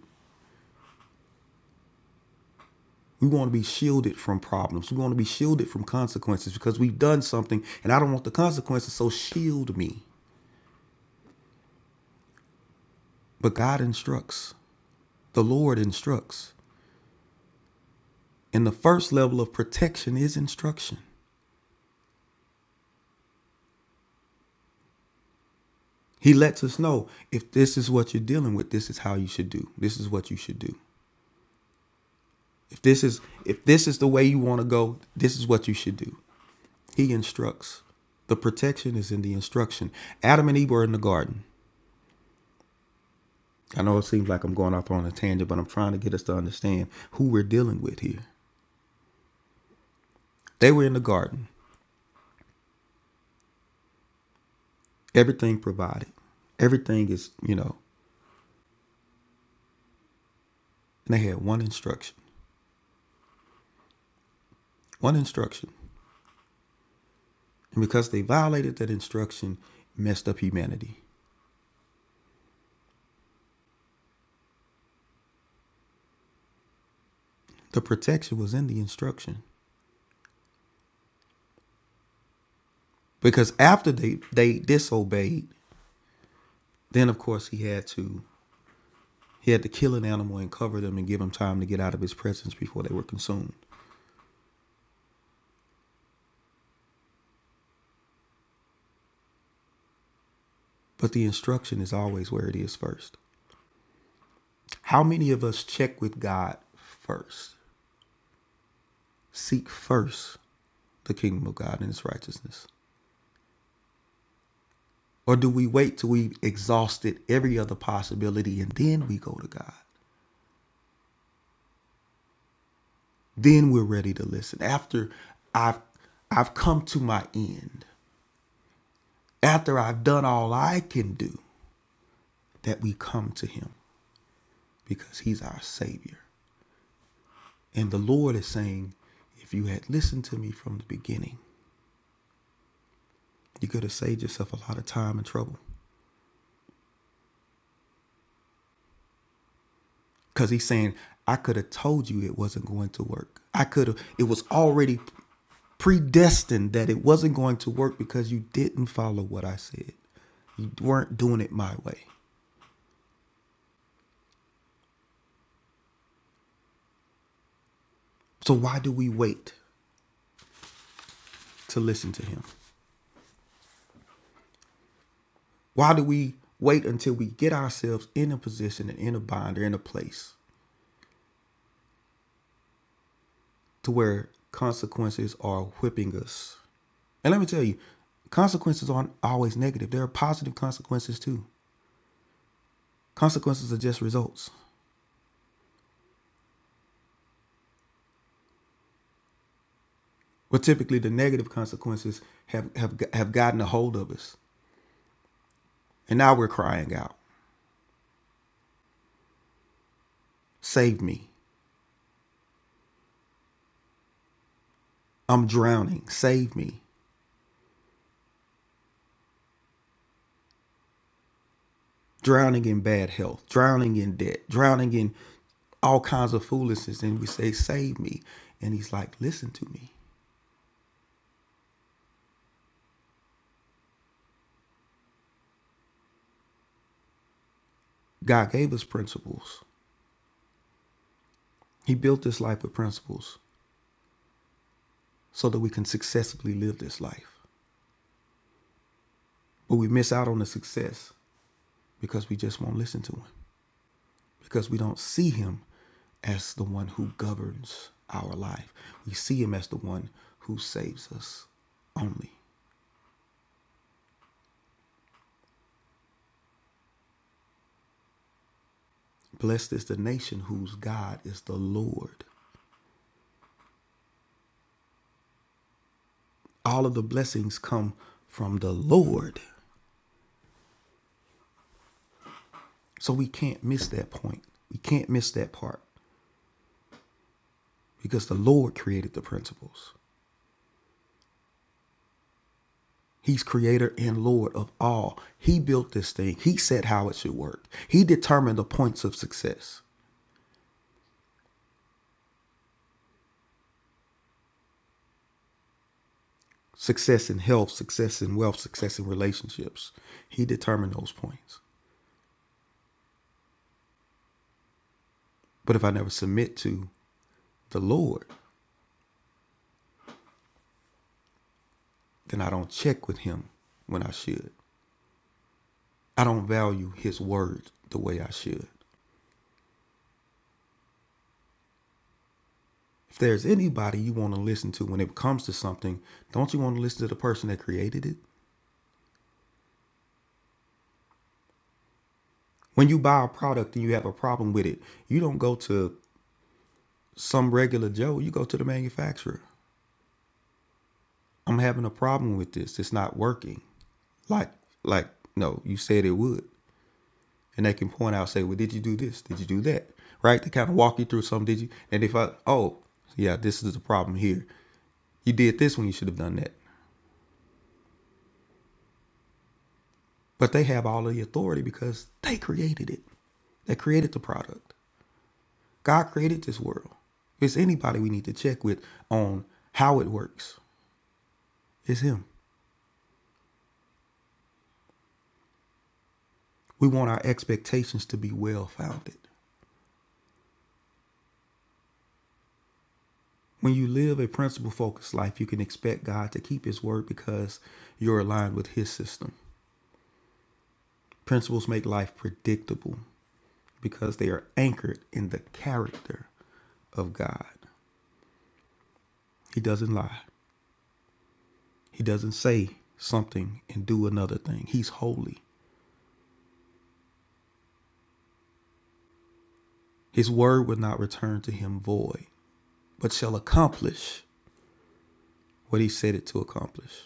We want to be shielded from problems. We want to be shielded from consequences because we've done something and I don't want the consequences, so shield me. But God instructs, the Lord instructs. And the first level of protection is instruction. He lets us know if this is what you're dealing with, this is how you should do. This is what you should do. If this is if this is the way you want to go, this is what you should do. He instructs. The protection is in the instruction. Adam and Eve were in the garden. I know it seems like I'm going off on a tangent, but I'm trying to get us to understand who we're dealing with here. They were in the garden. Everything provided. Everything is, you know, and they had one instruction. One instruction. And because they violated that instruction, messed up humanity. The protection was in the instruction because after they they disobeyed, then of course he had to he had to kill an animal and cover them and give them time to get out of his presence before they were consumed. But the instruction is always where it is first. How many of us check with God first? Seek first the kingdom of God and his righteousness. Or do we wait till we've exhausted every other possibility and then we go to God? Then we're ready to listen. After I've I've come to my end. after I've done all I can do, that we come to him because he's our Savior. And the Lord is saying, if you had listened to me from the beginning, you could have saved yourself a lot of time and trouble. Because he's saying, I could have told you it wasn't going to work. I could have, it was already predestined that it wasn't going to work because you didn't follow what I said. You weren't doing it my way. So why do we wait to listen to him? Why do we wait until we get ourselves in a position and in a bind or in a place to where consequences are whipping us? And let me tell you, consequences aren't always negative. There are positive consequences too. Consequences are just results. But typically, the negative consequences have, have, have gotten a hold of us. And now we're crying out, Save me. I'm drowning. Save me. drowning in bad health, drowning in debt, drowning in all kinds of foolishness. And we say, Save me. And he's like, Listen to me. God gave us principles. He built this life with principles so that we can successfully live this life. But we miss out on the success because we just won't listen to him, because we don't see him as the one who governs our life. We see him as the one who saves us only. Blessed is the nation whose God is the Lord all of the blessings come from the Lord. So we can't miss that point. We can't miss that part because the Lord created the principles. He's creator and Lord of all. He built this thing. He said how it should work. He determined the points of success success in health, success in wealth, success in relationships. He determined those points. But if I never submit to the Lord, then I don't check with Him when I should. I don't value His word the way I should. If there's anybody you want to listen to when it comes to something, don't you want to listen to the person that created it? When you buy a product and you have a problem with it, you don't go to some regular Joe, you go to the manufacturer. I'm having a problem with this. It's not working. Like, like, no, you said it would. And they can point out, say, well, did you do this? Did you do that? Right? They kind of walk you through some, did you? And if I, oh, yeah, this is the problem here. You did this when you should have done that. But they have all of the authority because they created it. They created the product. God created this world. it's anybody we need to check with on how it works, it's Him. We want our expectations to be well founded. When you live a principle focused life, you can expect God to keep His word because you're aligned with His system. Principles make life predictable because they are anchored in the character of God. He doesn't lie. He doesn't say something and do another thing. He's holy. His word would not return to him void, but shall accomplish what he said it to accomplish.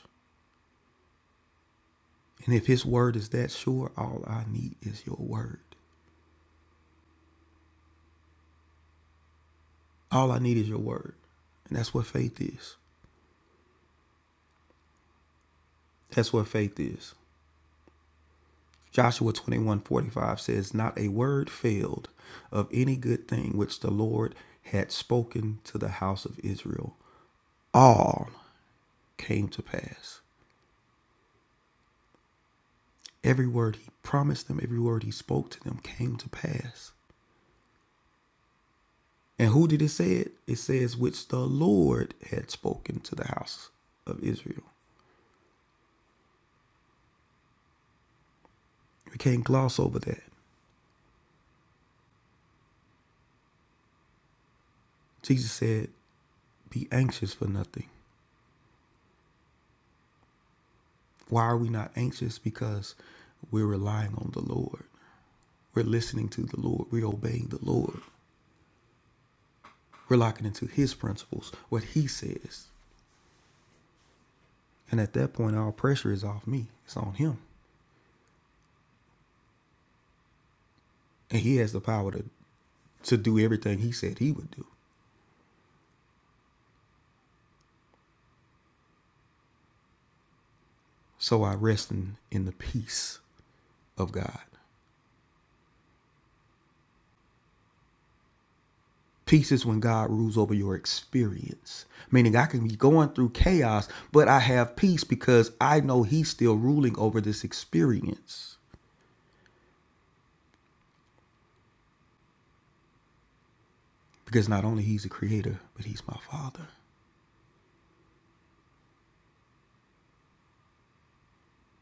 And if his word is that sure, all I need is your word. All I need is your word. And that's what faith is. That's what faith is. Joshua 21:45 says, Not a word failed of any good thing which the Lord had spoken to the house of Israel. All came to pass. Every word he promised them, every word he spoke to them came to pass. And who did it say it? It says, which the Lord had spoken to the house of Israel. We can't gloss over that. Jesus said, be anxious for nothing. Why are we not anxious? Because we're relying on the Lord. We're listening to the Lord. We're obeying the Lord. We're locking into his principles, what he says. And at that point, all pressure is off me. It's on him. And he has the power to, to do everything he said he would do. So I rest in, in the peace of God. Peace is when God rules over your experience, meaning I can be going through chaos, but I have peace because I know He's still ruling over this experience. Because not only He's the creator, but He's my Father.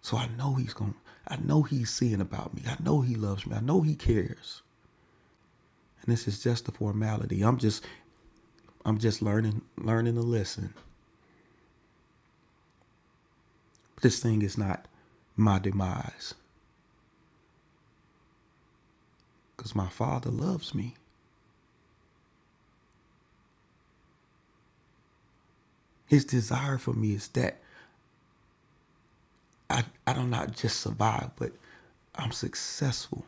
So I know He's going, I know He's seeing about me. I know He loves me. I know He cares. And this is just a formality. I'm just, I'm just learning, learning a lesson. This thing is not my demise because my Father loves me. His desire for me is that I, I don't just survive, but I'm successful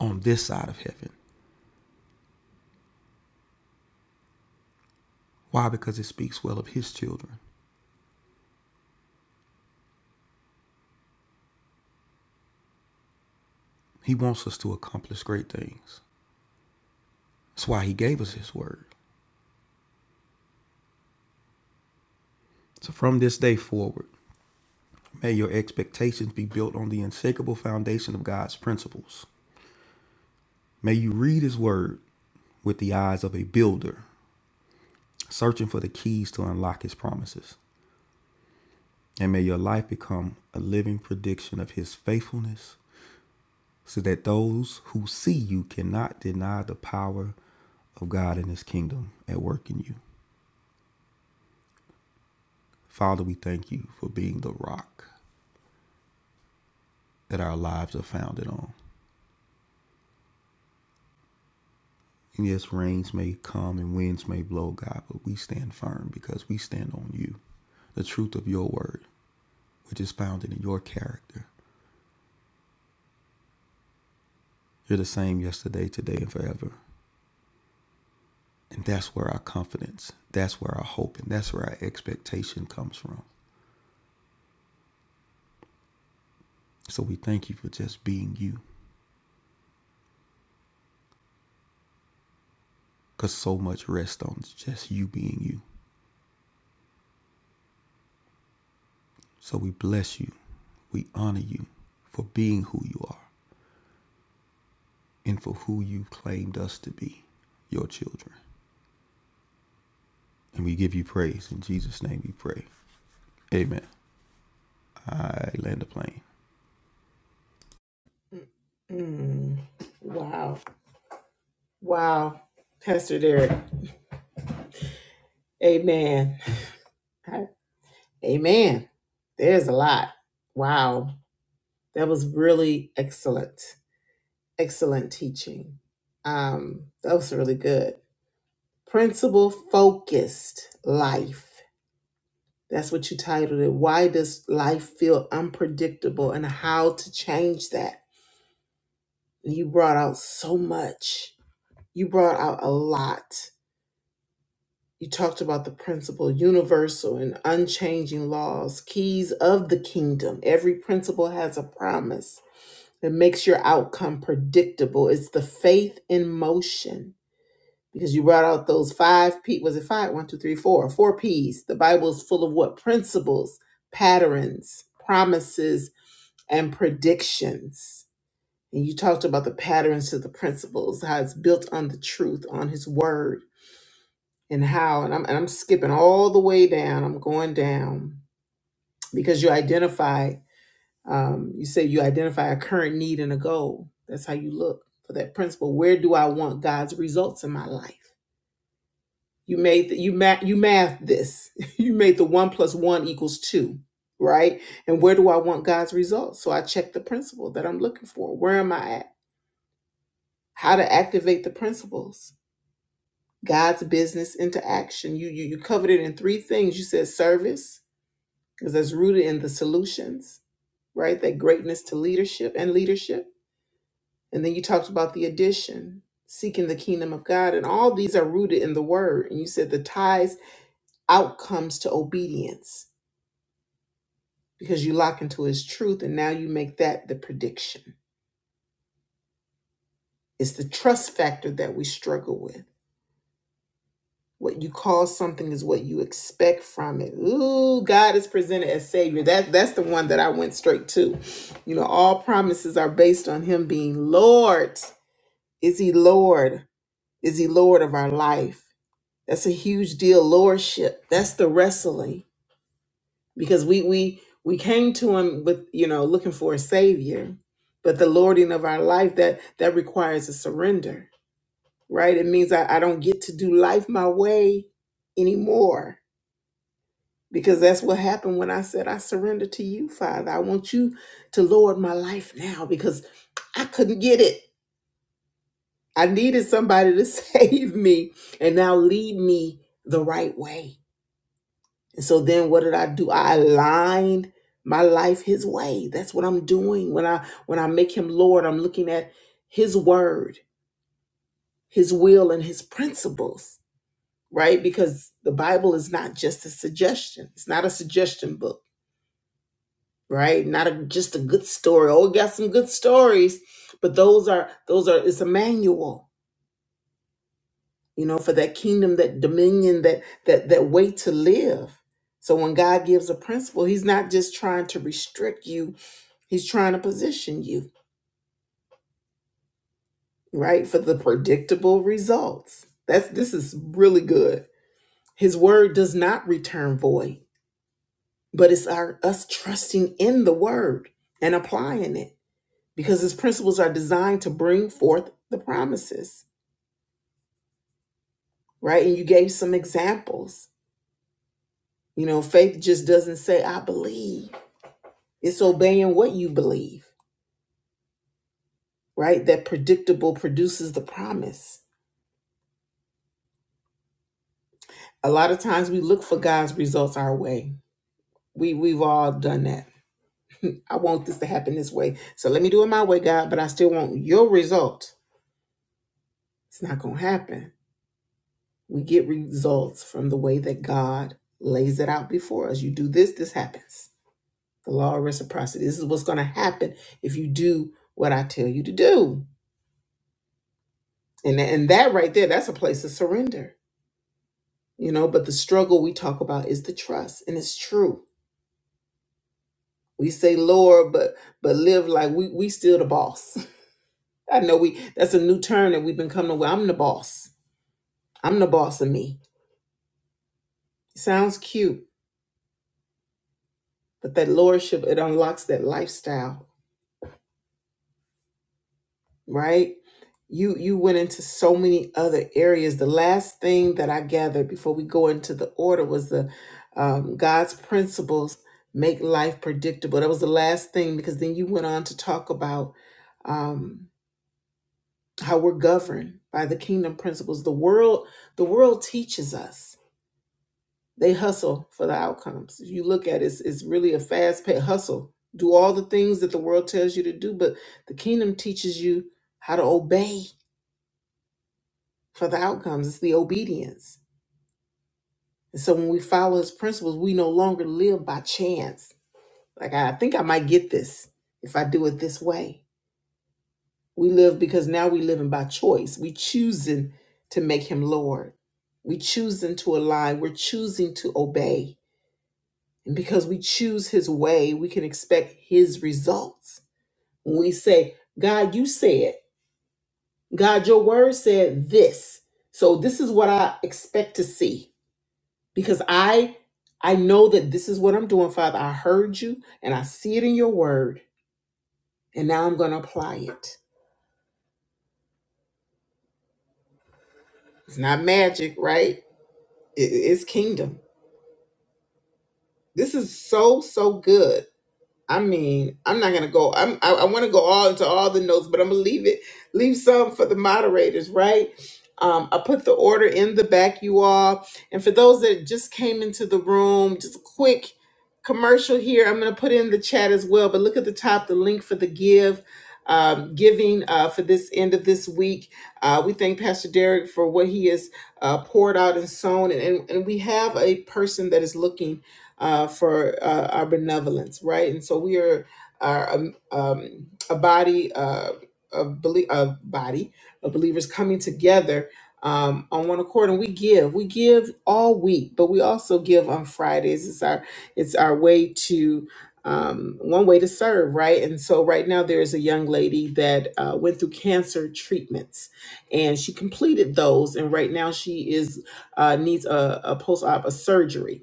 on this side of heaven. Why? Because it speaks well of his children. He wants us to accomplish great things. That's why he gave us his word. So from this day forward, may your expectations be built on the unshakable foundation of God's principles. May you read his word with the eyes of a builder, searching for the keys to unlock his promises. And may your life become a living prediction of his faithfulness so that those who see you cannot deny the power of God and his kingdom at work in you. Father, we thank you for being the rock that our lives are founded on. And yes, rains may come and winds may blow, God, but we stand firm because we stand on you, the truth of your word, which is founded in your character. You're the same yesterday, today, and forever. And that's where our confidence, that's where our hope, and that's where our expectation comes from. So we thank you for just being you. Because so much rests on just you being you. So we bless you. We honor you for being who you are and for who you claimed us to be, your children. And we give you praise. In Jesus' name we pray. Amen. I land the plane. Mm. Wow. Wow. Pastor Derek. Amen. I- Amen. There's a lot. Wow. That was really excellent. Excellent teaching. Um, that was really good. Principle focused life. That's what you titled it. Why does life feel unpredictable and how to change that? You brought out so much. You brought out a lot. You talked about the principle, universal and unchanging laws, keys of the kingdom. Every principle has a promise that makes your outcome predictable. It's the faith in motion. Because you brought out those five P was it five? One, two, three, four. Four P's. The Bible is full of what? Principles, patterns, promises, and predictions And you talked about the patterns to the principles, how it's built on the truth, on his word, and how, and I'm, and I'm skipping all the way down, I'm going down because you identify, um, you say you identify a current need and a goal. That's how you look for that principle. Where do I want God's results in my life? You made the, you math you math this. you made the one plus one equals two, right? And where do I want God's results? So I check the principle that I'm looking for. Where am I at? How to activate the principles God's business into action. You you you covered it in three things. You said service, because that's rooted in the solutions, right? That greatness to leadership and leadership. And then you talked about the addition, seeking the kingdom of God. And all these are rooted in the word. And you said the ties outcomes to obedience because you lock into his truth and now you make that the prediction. It's the trust factor that we struggle with What you call something is what you expect from it. Ooh, God is presented as Savior. That that's the one that I went straight to. You know, all promises are based on Him being Lord. Is He Lord? Is He Lord of our life? That's a huge deal. Lordship. That's the wrestling because we we we came to Him with you know looking for a Savior, but the lording of our life that that requires a surrender. Right? It means I, I don't get to do life my way anymore because that's what happened when I said, I surrender to you, Father. I want you to Lord my life now because I couldn't get it. I needed somebody to save me and now lead me the right way. And so then what did I do? I aligned my life his way. That's what I'm doing. When I when I make him Lord, I'm looking at his word, his will and his principles, right? Because the Bible is not just a suggestion. It's not a suggestion book right? Not a, just a good story. Oh, we got some good stories, but those are those are it's a manual, you know, for that kingdom, that dominion, that that that way to live. So when God gives a principle, He's not just trying to restrict you; He's trying to position you right for the predictable results. That's this is really good. His word does not return void, but it's our us trusting in the word and applying it because his principles are designed to bring forth the promises, right? And you gave some examples. You know, faith just doesn't say, I believe, it's obeying what you believe, right? That predictable produces the promise. A lot of times we look for God's results our way. We, we've all done that. I want this to happen this way. So let me do it my way, God, but I still want your result. It's not going to happen. We get results from the way that God lays it out before us. You do this, this happens The law of reciprocity. This is what's going to happen if you do what I tell you to do. And, and that right there, that's a place of surrender. You know, but the struggle we talk about is the trust, and it's true. We say Lord, but but live like we we still the boss. I know we that's a new term that we've been coming with. I'm the boss. I'm the boss of me. Sounds cute, but that lordship it unlocks that lifestyle right? You you went into so many other areas. The last thing that I gathered before we go into the order was the um, God's principles make life predictable. That was the last thing because then you went on to talk about um, how we're governed by the kingdom principles. The world the world teaches us. They hustle for the outcomes. If you look at it, it's, it's really a fast paced hustle. Do all the things that the world tells you to do, but the kingdom teaches you how to obey for the outcomes. It's the obedience. And so when we follow his principles, we no longer live by chance. Like, I think I might get this if I do it this way. We live because now we're living by choice. We choosing to make him Lord. We choosing to align. We're choosing to obey. And because we choose his way, we can expect his results. When we say, God, you said, God, your word said this. So this is what I expect to see. because I I know that this is what I'm doing, Father. I heard you and I see it in your word, and now I'm going to apply it. It's not magic, right? It- It's kingdom. This is so so good. I mean, I'm not gonna go. I'm. I, I want to go all into all the notes, but I'm gonna leave it. Leave some for the moderators, right? Um, I put the order in the back, you all. And for those that just came into the room, just a quick commercial here. I'm gonna put in the chat as well. But look at the top, the link for the give. Um, giving uh, for this end of this week. Uh, we thank Pastor Derek for what he has uh, poured out and sown. And, and, and we have a person that is looking uh, for uh, our benevolence, right? And so we are, are um, um, a body uh, of belie- a body of believers coming together um, on one accord, and we give. We give all week, but we also give on Fridays. It's our it's our way to um, one way to serve, right? And so right now there is a young lady that uh, went through cancer treatments, and she completed those, and right now she is uh, needs a, a post op a surgery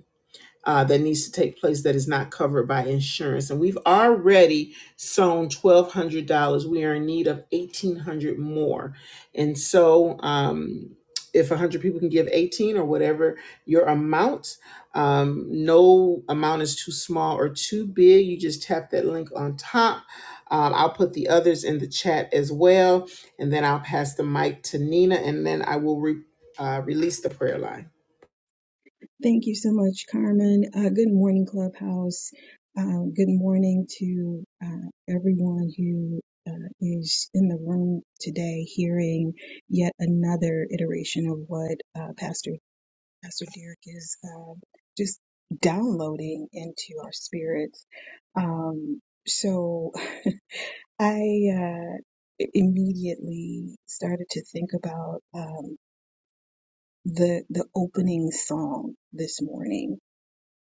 uh, that needs to take place that is not covered by insurance. And we've already sewn twelve hundred dollars. We are in need of eighteen hundred more. And so, um, if one hundred people can give eighteen or whatever your amount, um, no amount is too small or too big. You just tap that link on top. Um, I'll put the others in the chat as well, and then I'll pass the mic to Nina, and then I will re- uh, release the prayer line. Thank you so much, Carmen. Uh, good morning, Clubhouse. Um, good morning to uh, everyone who uh, is in the room today, hearing yet another iteration of what uh, Pastor Pastor Derek is uh, just downloading into our spirits. Um, so I uh, immediately started to think about. Um, the the opening song this morning.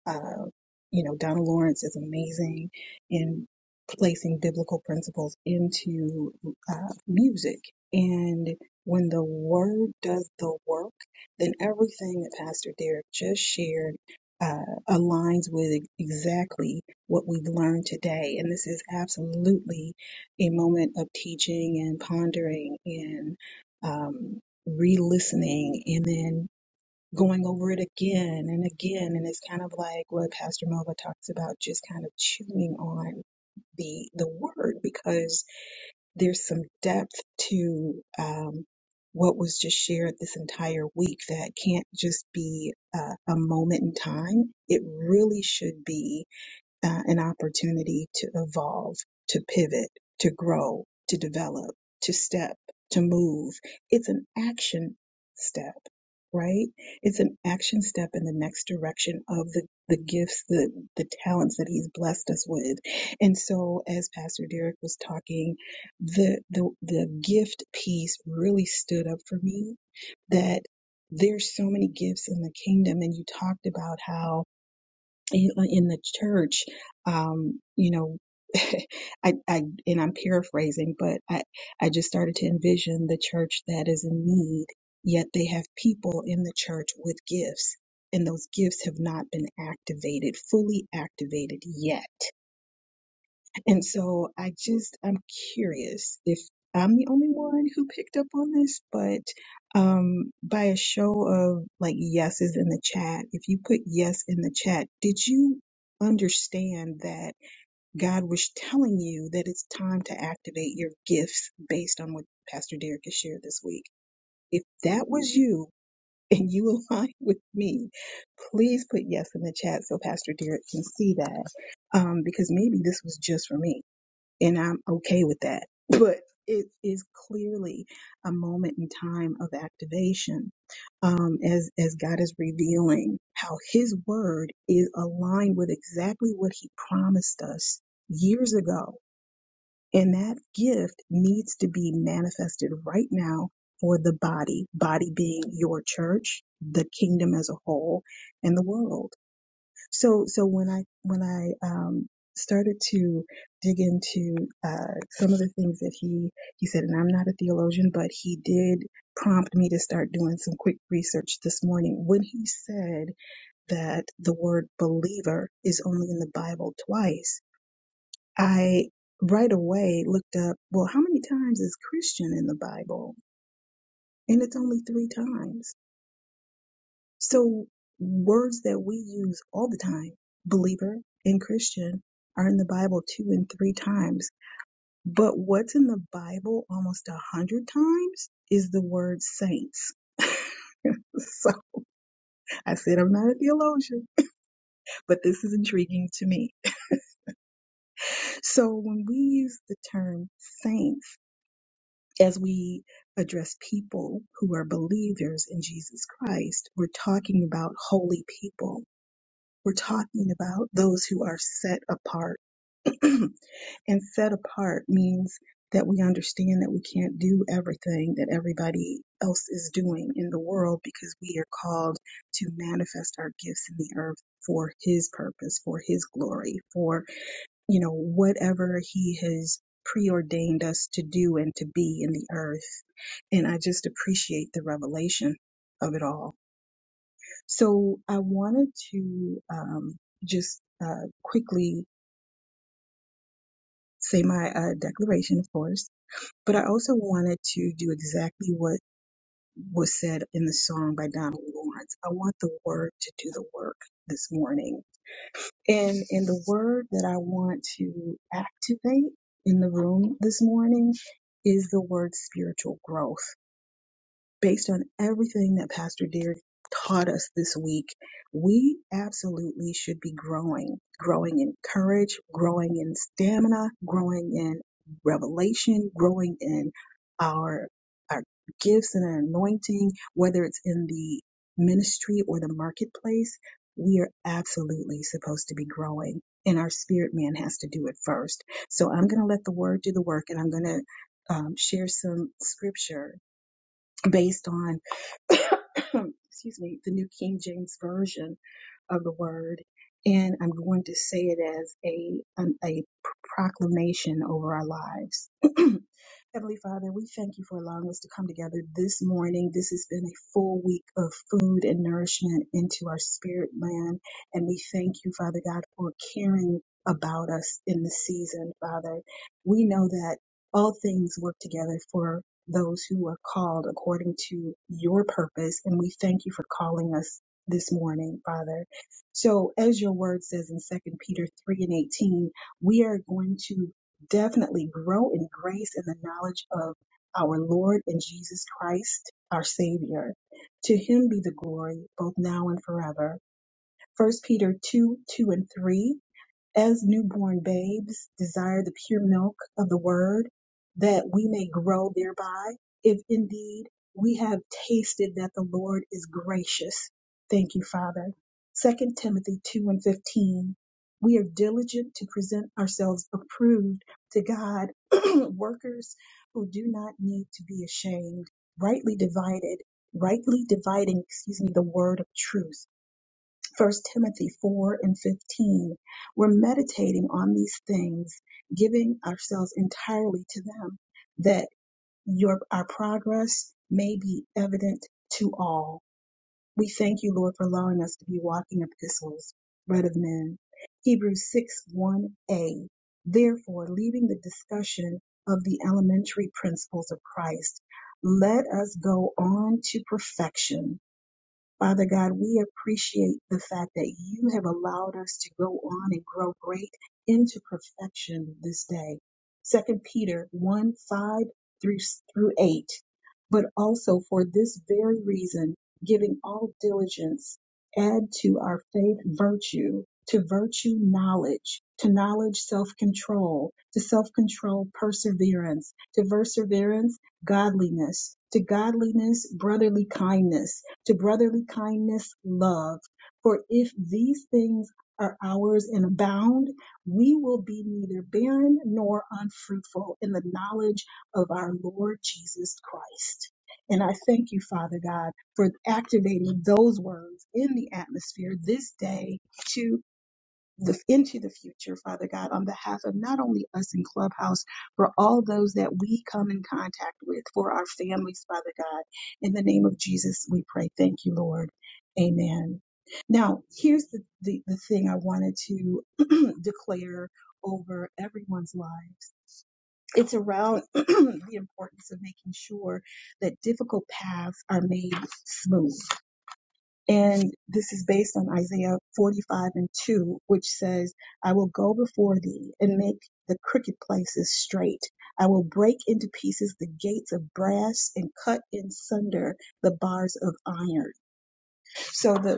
Uh, you know, Donna Lawrence is amazing in placing biblical principles into uh, music, and when the word does the work, then everything that Pastor Derek just shared. Uh, aligns with exactly what we've learned today. And this is absolutely a moment of teaching and pondering and um, re listening and then going over it again and again and it's kind of like what pastor melva talks about just kind of chewing on the the word because there's some depth to um, what was just shared this entire week that can't just be uh, a moment in time it really should be uh, an opportunity to evolve, to pivot, to grow, to develop, to step, to move. It's an action step, right? It's an action step in the next direction of the, the gifts, the, the talents that he's blessed us with. And so as Pastor Derek was talking, the, the, the gift piece really stood up for me that there's so many gifts in the kingdom and you talked about how in in the church um you know I, I and i'm paraphrasing but i i just started to envision the church that is in need yet they have people in the church with gifts and those gifts have not been activated fully activated yet and so I just, I'm curious if I'm the only one who picked up on this, but um, by a show of like yeses in the chat, if you put yes in the chat, did you understand that God was telling you that it's time to activate your gifts based on what Pastor Derek has shared this week? If that was you and you align with me, please put yes in the chat so Pastor Derek can see that. Um, because maybe this was just for me and I'm okay with that. But it is clearly a moment in time of activation um, as as God is revealing how His word is aligned with exactly what He promised us years ago, and that gift needs to be manifested right now for the body. Body being your church, the kingdom as a whole, and the world. So, so when I when I um, started to dig into uh, some of the things that he he said, and I'm not a theologian, but he did prompt me to start doing some quick research this morning when he said that the word believer is only in the Bible twice. I right away looked up, well, how many times is Christian in the Bible? And it's only three times. So words that we use all the time, believer and Christian, are in the Bible two and three times. But what's in the Bible almost a hundred times is the word saints. So I said I'm not a theologian, but this is intriguing to me. So when we use the term saints as we address people who are believers in Jesus Christ, we're talking about holy people. We're talking about those who are set apart and set apart means that we understand that we can't do everything that everybody else is doing in the world because we are called to manifest our gifts in the earth for his purpose, for his glory, for, you know, whatever he has preordained us to do and to be in the earth. And I just appreciate the revelation of it all. So I wanted to um, just uh, quickly say my uh, declaration, of course. But I also wanted to do exactly what was said in the song by Donald Lawrence. I want the word to do the work this morning. And and the word that I want to activate in the room this morning is the word spiritual growth based on everything that Pastor Derek taught us this week, we absolutely should be growing, growing in courage, growing in stamina, growing in revelation, growing in our our gifts and our anointing, whether it's in the ministry or the marketplace, we are absolutely supposed to be growing. And our spirit man has to do it first. So I'm going to let the word do the work and I'm going to um, share some scripture based on excuse me, the New King James Version of the word, and I'm going to say it as a an, a proclamation over our lives. Heavenly Father, we thank you for allowing us to come together this morning. This has been a full week of food and nourishment into our spirit man. And we thank you, Father God, for caring about us in this season, Father. We know that all things work together for those who are called according to your purpose. And we thank you for calling us this morning, Father. So as your word says in Second Peter 3 and 18, we are going to definitely grow in grace and the knowledge of our Lord and Jesus Christ, our Savior. To him be the glory, both now and forever. First Peter 2 2 and 3. As newborn babes, desire the pure milk of the word, that we may grow thereby, if indeed we have tasted that the Lord is gracious. Thank you, Father. Second Timothy 2 and 15. We are diligent to present ourselves approved to God, workers who do not need to be ashamed, rightly divided, rightly dividing, excuse me, the word of truth. First Timothy 4 and 15. We're meditating on these things, giving ourselves entirely to them, that your our progress may be evident to all. We thank you, Lord, for allowing us to be walking epistles, read of men. Hebrews 6 1a. Therefore, leaving the discussion of the elementary principles of Christ, let us go on to perfection Father God, we appreciate the fact that you have allowed us to go on and grow great into perfection this day. Second Peter 1 5 through, through 8. But also for this very reason, giving all diligence, add to our faith virtue, to virtue knowledge, to knowledge self control, to self control perseverance, to perseverance godliness, to godliness brotherly kindness to brotherly kindness, love. For if these things are ours and abound, we will be neither barren nor unfruitful in the knowledge of our Lord Jesus Christ. And I thank you, Father God, for activating those words in the atmosphere this day to the, into the future, Father God, on behalf of not only us in Clubhouse, for all those that we come in contact with, for our families, Father God. In the name of Jesus, we pray. Thank you, Lord. Amen. Now, here's the, the, the thing I wanted to declare over everyone's lives. It's around the importance of making sure that difficult paths are made smooth and this is based on Isaiah 45 and 2, which says, I will go before thee and make the crooked places straight. I will break into pieces the gates of brass and cut in sunder the bars of iron. So the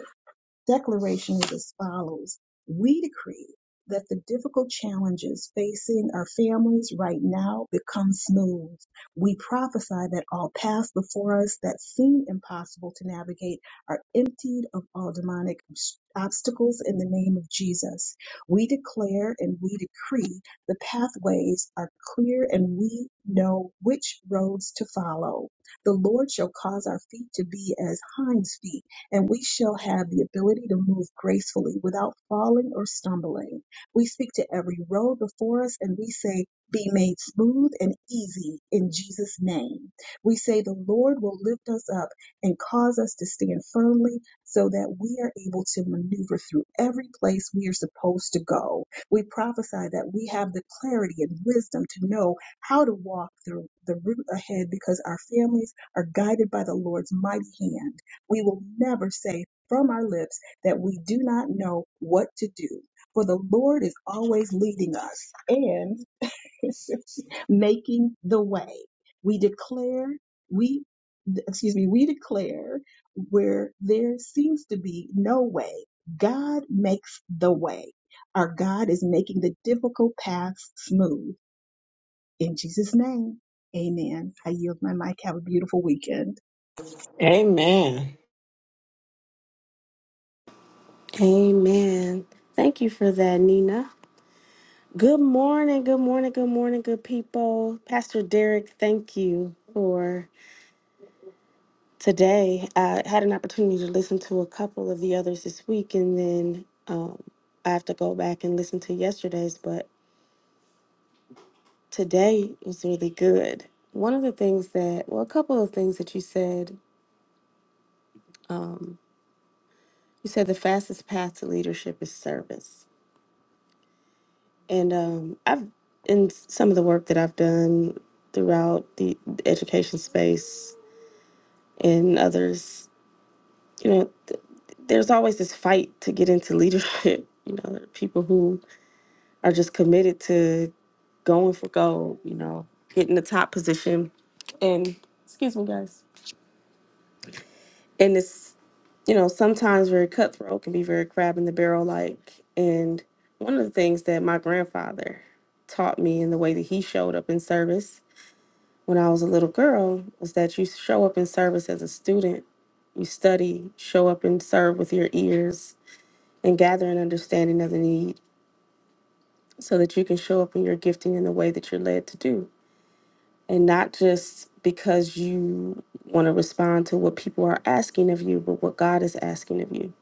declaration is as follows We decree that the difficult challenges facing our families right now become smooth. We prophesy that all paths before us that seem impossible to navigate are emptied of all demonic obst- obstacles in the name of Jesus. We declare and we decree the pathways are clear and we know which roads to follow. The Lord shall cause our feet to be as hinds feet and we shall have the ability to move gracefully without falling or stumbling. We speak to every road before us and we say, be made smooth and easy in Jesus' name. We say the Lord will lift us up and cause us to stand firmly so that we are able to maneuver through every place we are supposed to go. We prophesy that we have the clarity and wisdom to know how to walk through the route ahead because our families are guided by the Lord's mighty hand. We will never say from our lips that we do not know what to do, for the Lord is always leading us and making the way. We declare, we, excuse me, we declare where there seems to be no way, God makes the way. Our God is making the difficult paths smooth. In Jesus' name, amen. I yield my mic. Have a beautiful weekend. Amen. Amen. Thank you for that, Nina. Good morning, good morning, good morning, good people. Pastor Derek, thank you for today. I had an opportunity to listen to a couple of the others this week, and then um, I have to go back and listen to yesterday's, but today was really good. One of the things that, well, a couple of things that you said, um, you said the fastest path to leadership is service. And um, I've in some of the work that I've done throughout the education space and others, you know, th- there's always this fight to get into leadership. You know, there are people who are just committed to going for gold. You know, getting the top position. And excuse me, guys. And it's you know sometimes very cutthroat can be very crab in the barrel like. And one of the things that my grandfather taught me in the way that he showed up in service when I was a little girl was that you show up in service as a student, you study, show up and serve with your ears, and gather an understanding of the need so that you can show up in your gifting in the way that you're led to do. And not just because you want to respond to what people are asking of you, but what God is asking of you.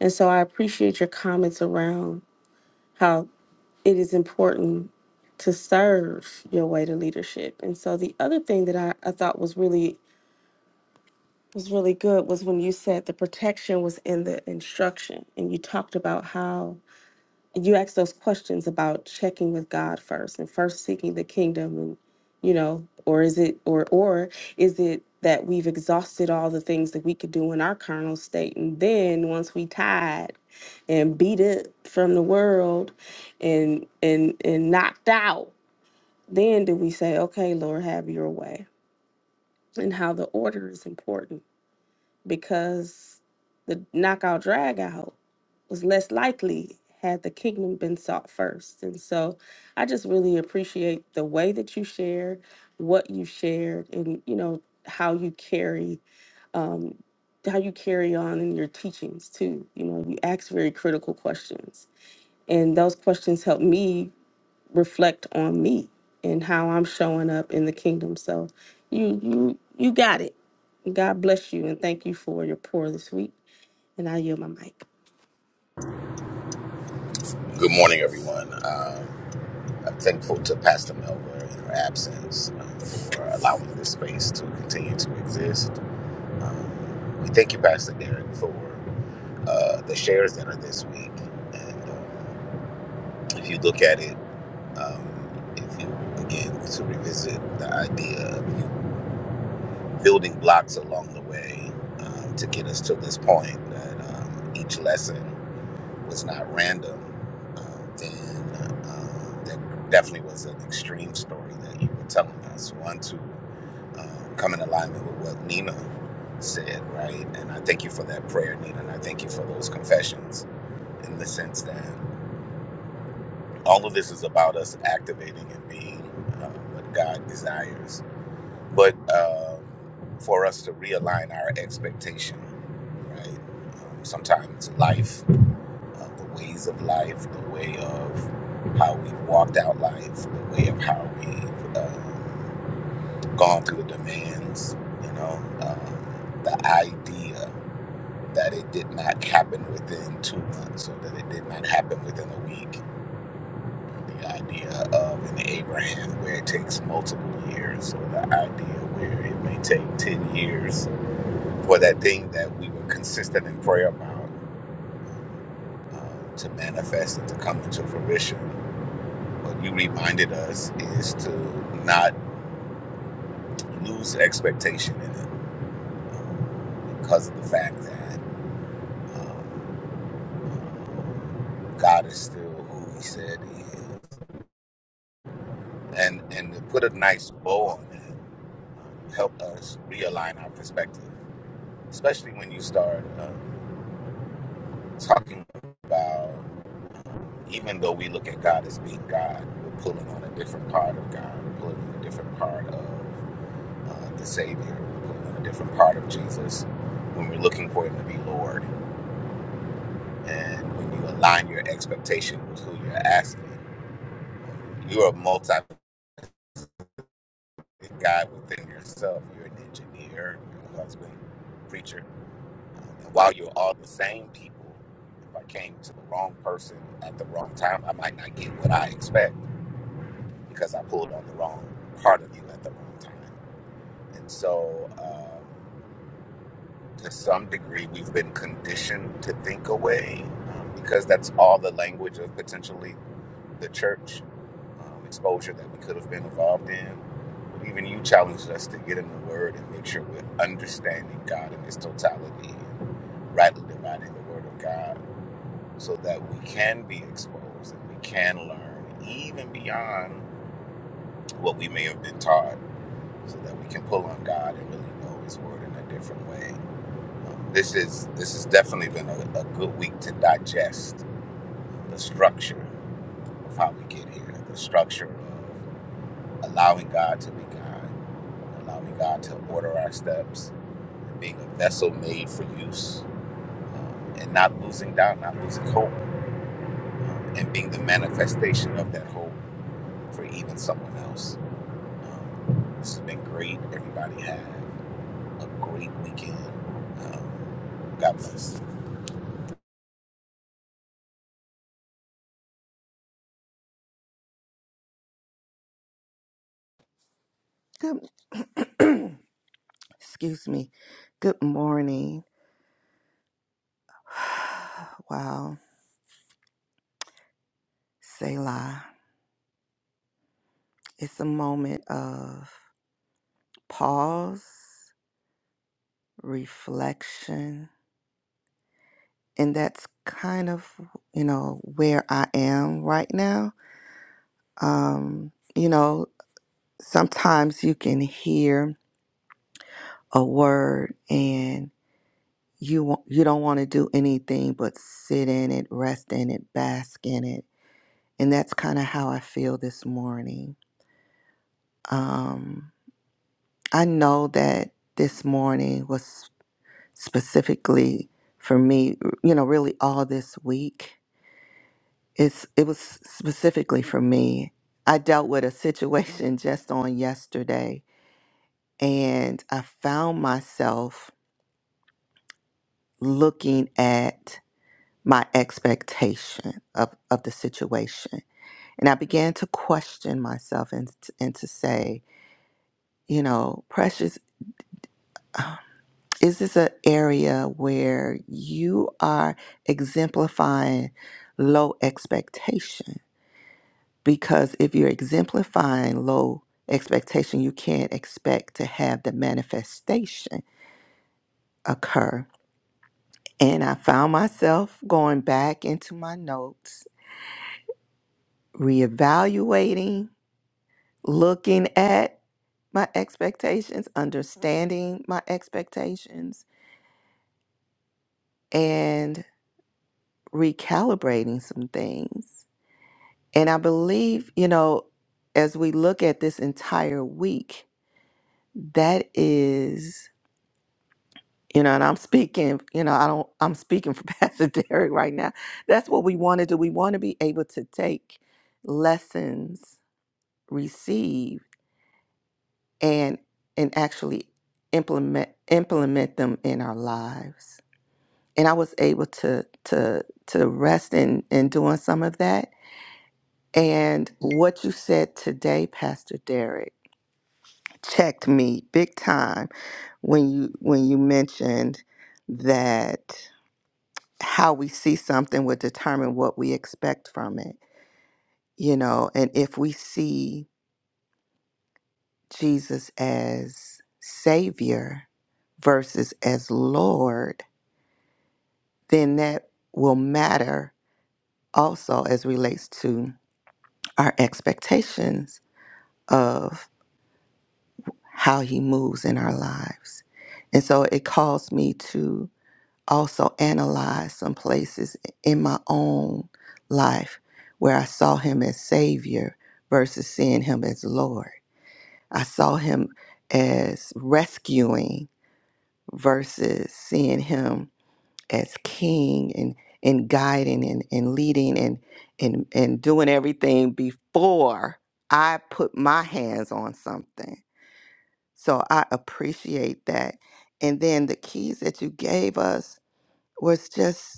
And so I appreciate your comments around how it is important to serve your way to leadership. And so the other thing that I, I thought was really was really good was when you said the protection was in the instruction and you talked about how you asked those questions about checking with God first and first seeking the kingdom and you know or is it or or is it that we've exhausted all the things that we could do in our carnal state and then once we tied and beat up from the world and and and knocked out then do we say okay lord have your way and how the order is important because the knockout drag out was less likely had the kingdom been sought first. And so I just really appreciate the way that you shared, what you shared, and you know, how you carry um how you carry on in your teachings too. You know, you ask very critical questions. And those questions help me reflect on me and how I'm showing up in the kingdom. So you you you got it. God bless you and thank you for your pour this week. And I yield my mic. Good morning, everyone. Um, I'm thankful to Pastor Melva in her absence um, for allowing this space to continue to exist. Um, we thank you, Pastor Derek, for uh, the shares that are this week. And um, if you look at it, um, if you again to revisit the idea of building blocks along the way um, to get us to this point, that um, each lesson. was not random, um, then um, that definitely was an extreme story that you were telling us. One to um, come in alignment with what Nina said, right? And I thank you for that prayer, Nina, and I thank you for those confessions in the sense that all of this is about us activating and being uh, what God desires, but uh, for us to realign our expectation, right? Um, sometimes life uh, the ways of life, the way of how we've walked out life, the way of how we've um, gone through the demands, you know, um, the idea that it did not happen within two months or that it did not happen within a week, the idea of an Abraham where it takes multiple years or the idea where it may take 10 years for that thing that we were consistent in prayer about uh, to manifest and to come into fruition what you reminded us is to not lose expectation in it um, because of the fact that um, God is still who He said He is, and and to put a nice bow on that um, helped us realign our perspective, especially when you start uh, talking about um, even though we look at God as being God, we're pulling on a different part of God, we're pulling on a different part of uh, the Savior, a different part of Jesus, when we're looking for Him to be Lord. And when you align your expectation with who you're asking, you're a multi God within yourself. You're an engineer, you're a husband, preacher. Um, and while you're all the same people, if I came to the wrong person at the wrong time, I might not get what I expect because I pulled on the wrong part of you at the wrong time. And so, um, to some degree we've been conditioned to think away um, because that's all the language of potentially the church um, exposure that we could have been involved in. But even you challenged us to get in the Word and make sure we're understanding God in His totality, and rightly dividing the Word of God, so that we can be exposed and we can learn even beyond what we may have been taught, so that we can pull on God and really know His Word in a different way. This is this has definitely been a, a good week to digest the structure of how we get here, the structure of allowing God to be God, allowing God to order our steps, being a vessel made for use, um, and not losing doubt, not losing hope, um, and being the manifestation of that hope for even someone else. Um, this has been great. Everybody had a great weekend. Um, God bless. Good. Excuse me. Good morning. Wow. Selah. It's a moment of pause, reflection, and that's kind of, you know, where I am right now. Um, you know, sometimes you can hear a word and you wa- you don't want to do anything but sit in it, rest in it, bask in it And that's kind of how I feel this morning. Um, I know that this morning was specifically for me, you know, really all this week. It's it was specifically for me. I dealt with a situation just on yesterday and I found myself looking at my expectation of, of the situation. And I began to question myself and, and to say, you know, precious is this an area where you are exemplifying low expectation? Because if you're exemplifying low expectation, you can't expect to have the manifestation occur. And I found myself going back into my notes, reevaluating, looking at my expectations, understanding my expectations, and recalibrating some things And I believe, you know, as we look at this entire week, that is, you know, and I'm speaking, you know, I don't, I'm speaking for Pastor Derek right now. That's what we want to do. We want to be able to take lessons received and and actually implement implement them in our lives. And I was able to to to rest in in doing some of that. And what you said today, Pastor Derek. checked me big time when you when you mentioned that how we see something would determine what we expect from it you know and if we see Jesus as savior versus as lord then that will matter also as relates to our expectations of how he moves in our lives and so it calls me to also analyzed some places in my own life where I saw him as Savior versus seeing him as Lord. I saw him as rescuing versus seeing him as King and, and guiding and, and leading and, and, and doing everything before I put my hands on something. So I appreciate that. And then the keys that you gave us was just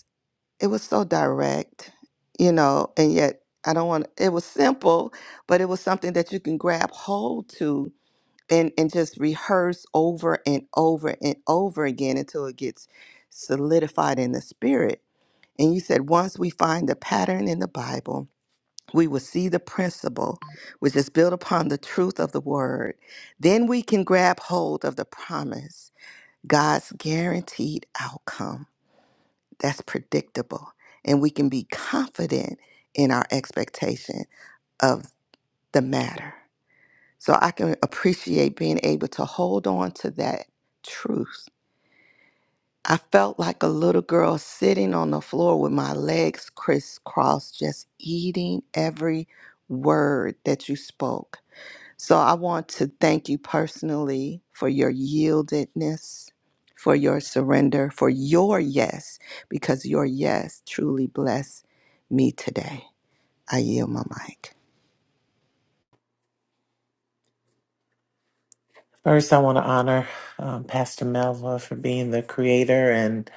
it was so direct, you know, and yet I don't want it was simple, but it was something that you can grab hold to and and just rehearse over and over and over again until it gets solidified in the spirit. And you said once we find the pattern in the Bible, we will see the principle, which is built upon the truth of the word. Then we can grab hold of the promise, God's guaranteed outcome that's predictable and we can be confident in our expectation of the matter. So I can appreciate being able to hold on to that truth. I felt like a little girl sitting on the floor with my legs crisscrossed, just eating every word that you spoke. So I want to thank you personally for your yieldedness, for your surrender, for your yes, because your yes truly blessed me today. I yield my mic. First, I want to honor um, Pastor Melva for being the creator and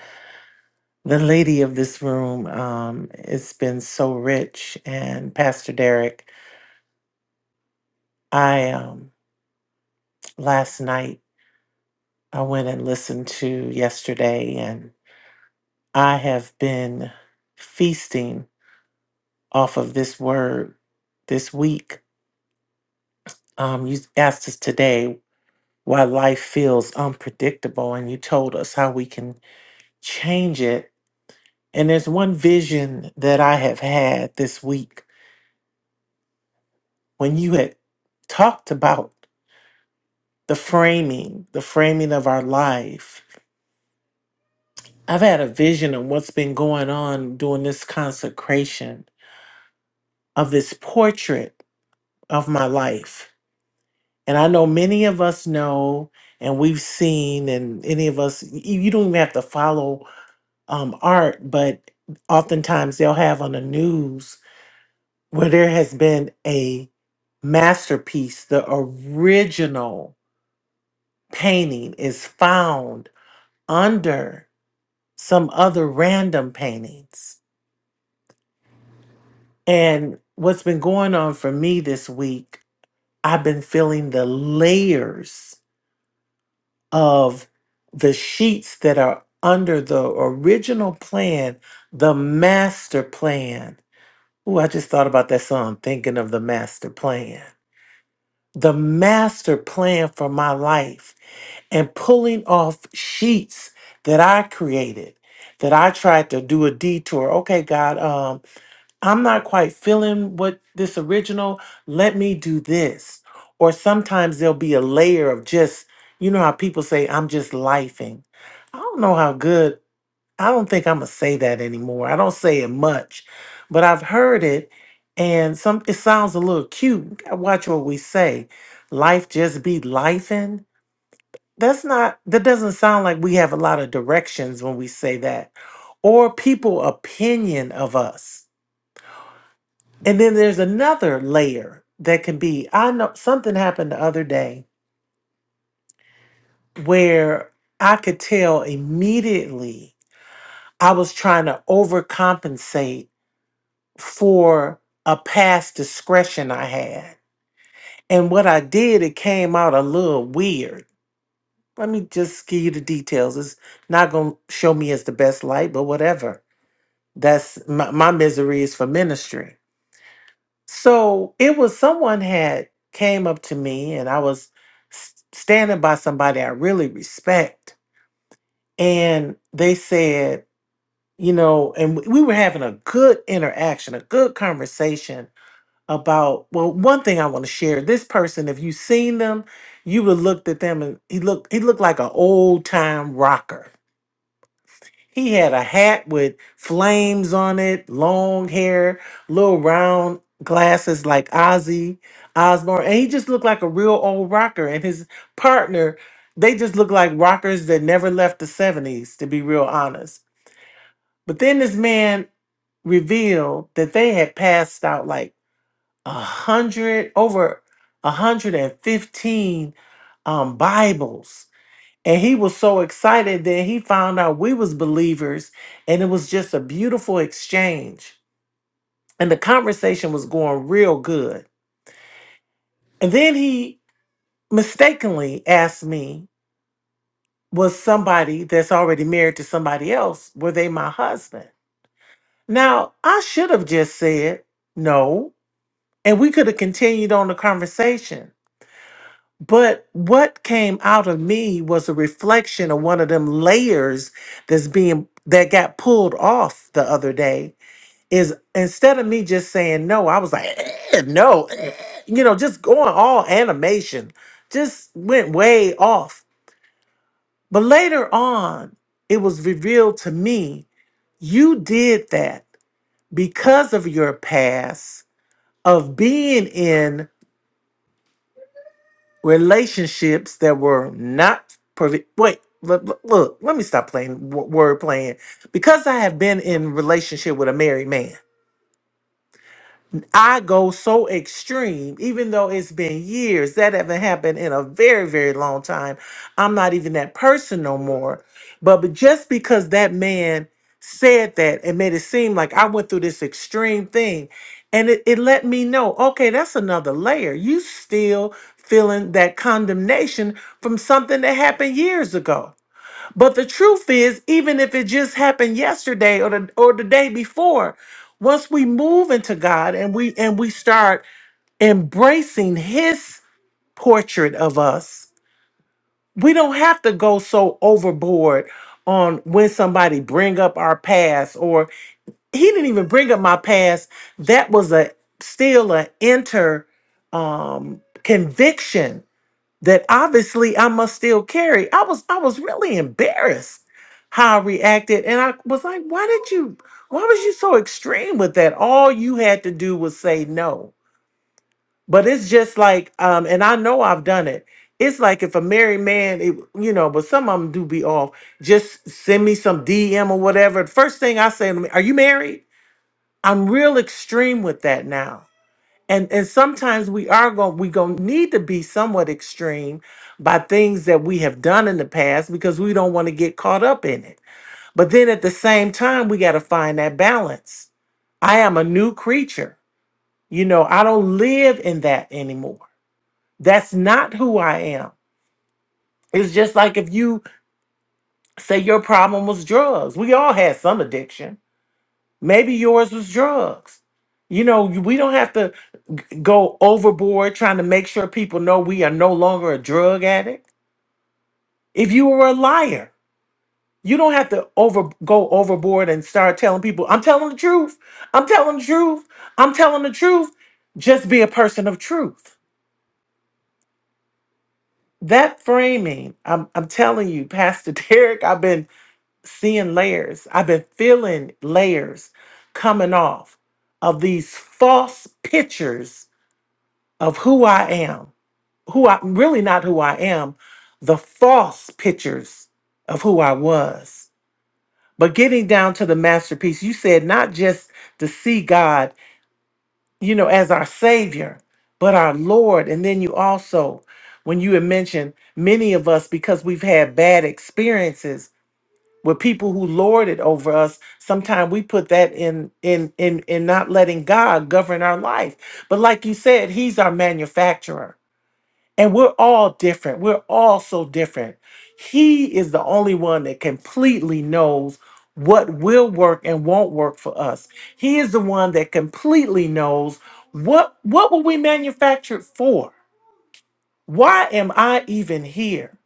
the lady of this room. Um, it's been so rich. And Pastor Derek, I um, last night I went and listened to yesterday, and I have been feasting off of this word this week. Um, you asked us today why life feels unpredictable, and you told us how we can change it And there's one vision that I have had this week when you had talked about the framing, the framing of our life. I've had a vision of what's been going on during this consecration of this portrait of my life. And I know many of us know and we've seen, and any of us, y- you don't even have to follow um, art, but oftentimes they'll have on the news where there has been a masterpiece, the original painting is found under some other random paintings. And what's been going on for me this week, I've been feeling the layers of the sheets that are under the original plan, the master plan. Ooh, I just thought about that song, thinking of the master plan the master plan for my life and pulling off sheets that I created that I tried to do a detour. Okay, God, um, I'm not quite feeling what this original. Let me do this. Or sometimes there'll be a layer of just, you know how people say, I'm just lifing. I don't know how good, I don't think I'm gonna say that anymore. I don't say it much, but I've heard it and some it sounds a little cute. Watch what we say. Life just be lifing that's not, that doesn't sound like we have a lot of directions when we say that, or people opinion of us. And then there's another layer that can be I know something happened the other day where I could tell immediately I was trying to overcompensate for a past discretion I had. And what I did, it came out a little weird. Let me just give you the details. It's not going to show me as the best light, but whatever. That's my, my misery is for ministry. So it was someone had came up to me and I was s- standing by somebody I really respect. And they said, you know, and we we were having a good interaction, a good conversation about, well, one thing I want to share. This person, if you seen them, you would looked at them and he looked, he looked like an old time rocker He had a hat with flames on it, long hair, little round glasses like Ozzy Osbourne, and he just looked like a real old rocker. And his partner, they just looked like rockers that never left the '70s, to be real honest. But then this man revealed that they had passed out like a hundred, over a hundred and fifteen um, Bibles and he was so excited that he found out we was believers and it was just a beautiful exchange. And the conversation was going real good. And then he mistakenly asked me, was somebody that's already married to somebody else, were they my husband? Now, I should have just said no, and we could have continued on the conversation. But what came out of me was a reflection of one of them layers that's being that got pulled off the other day. Is instead of me just saying no, I was like, "Eh, no, eh," you know, just going all animation, just went way off. But later on, it was revealed to me you did that because of your past of being in relationships that were not perfect. Wait, look, look, look, let me stop playing w- word playing. Because I have been in relationship with a married man, I go so extreme, even though it's been years, that haven't happened in a very, very long time. I'm not even that person no more. But, but just because that man said that and made it seem like I went through this extreme thing, and it, it let me know, okay, that's another layer. You still feeling that condemnation from something that happened years ago. But the truth is, even if it just happened yesterday or the or the day before, once we move into God and we and we start embracing his portrait of us, we don't have to go so overboard on when somebody bring up our past or he didn't even bring up my past. That was a still an inter um conviction that obviously I must still carry. I was I was really embarrassed how I reacted and I was like, why did you why was you so extreme with that? All you had to do was say no. But it's just like um and I know I've done it. It's like if a married man, it, you know, but some of them do be off. Just send me some DM or whatever. First thing I say, to me, are you married? I'm real extreme with that now and and sometimes we are going we going to need to be somewhat extreme by things that we have done in the past because we don't want to get caught up in it but then at the same time we got to find that balance i am a new creature you know i don't live in that anymore that's not who i am it's just like if you say your problem was drugs we all had some addiction maybe yours was drugs you know we don't have to go overboard trying to make sure people know we are no longer a drug addict. If you were a liar, you don't have to over go overboard and start telling people, I'm telling the truth. I'm telling the truth. I'm telling the truth. Just be a person of truth. That framing, I'm I'm telling you, Pastor Derek, I've been seeing layers. I've been feeling layers coming off of these false pictures of who I am who I really not who I am, the false pictures of who I was. But getting down to the masterpiece, you said not just to see God, you know, as our Savior, but our Lord. And then you also, when you had mentioned many of us, because we've had bad experiences with people who lorded over us, sometimes we put that in in in in not letting God govern our life. But like you said, He's our manufacturer. And we're all different. We're all so different. He is the only one that completely knows what will work and won't work for us. He is the one that completely knows what what were we manufactured for? Why am I even here?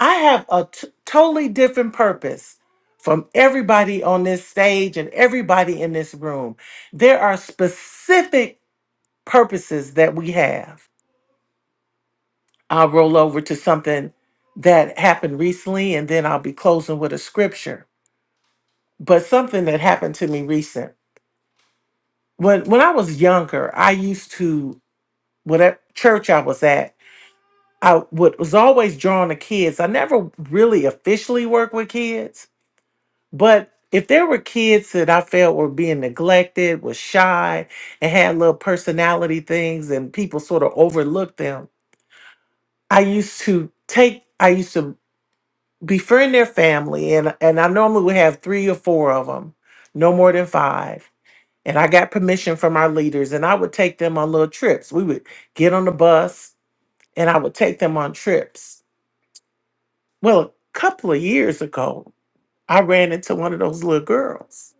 I have a t- totally different purpose from everybody on this stage and everybody in this room. There are specific purposes that we have I'll roll over to something that happened recently and then I'll be closing with a scripture. But something that happened to me recent. When when I was younger, I used to whatever church I was at, I would, was always drawn to kids. I never really officially worked with kids, but if there were kids that I felt were being neglected, was shy, and had little personality things and people sort of overlooked them, I used to take I used to befriend their family and and I normally would have 3 or 4 of them no more than 5 and I got permission from our leaders and I would take them on little trips we would get on the bus and I would take them on trips well a couple of years ago I ran into one of those little girls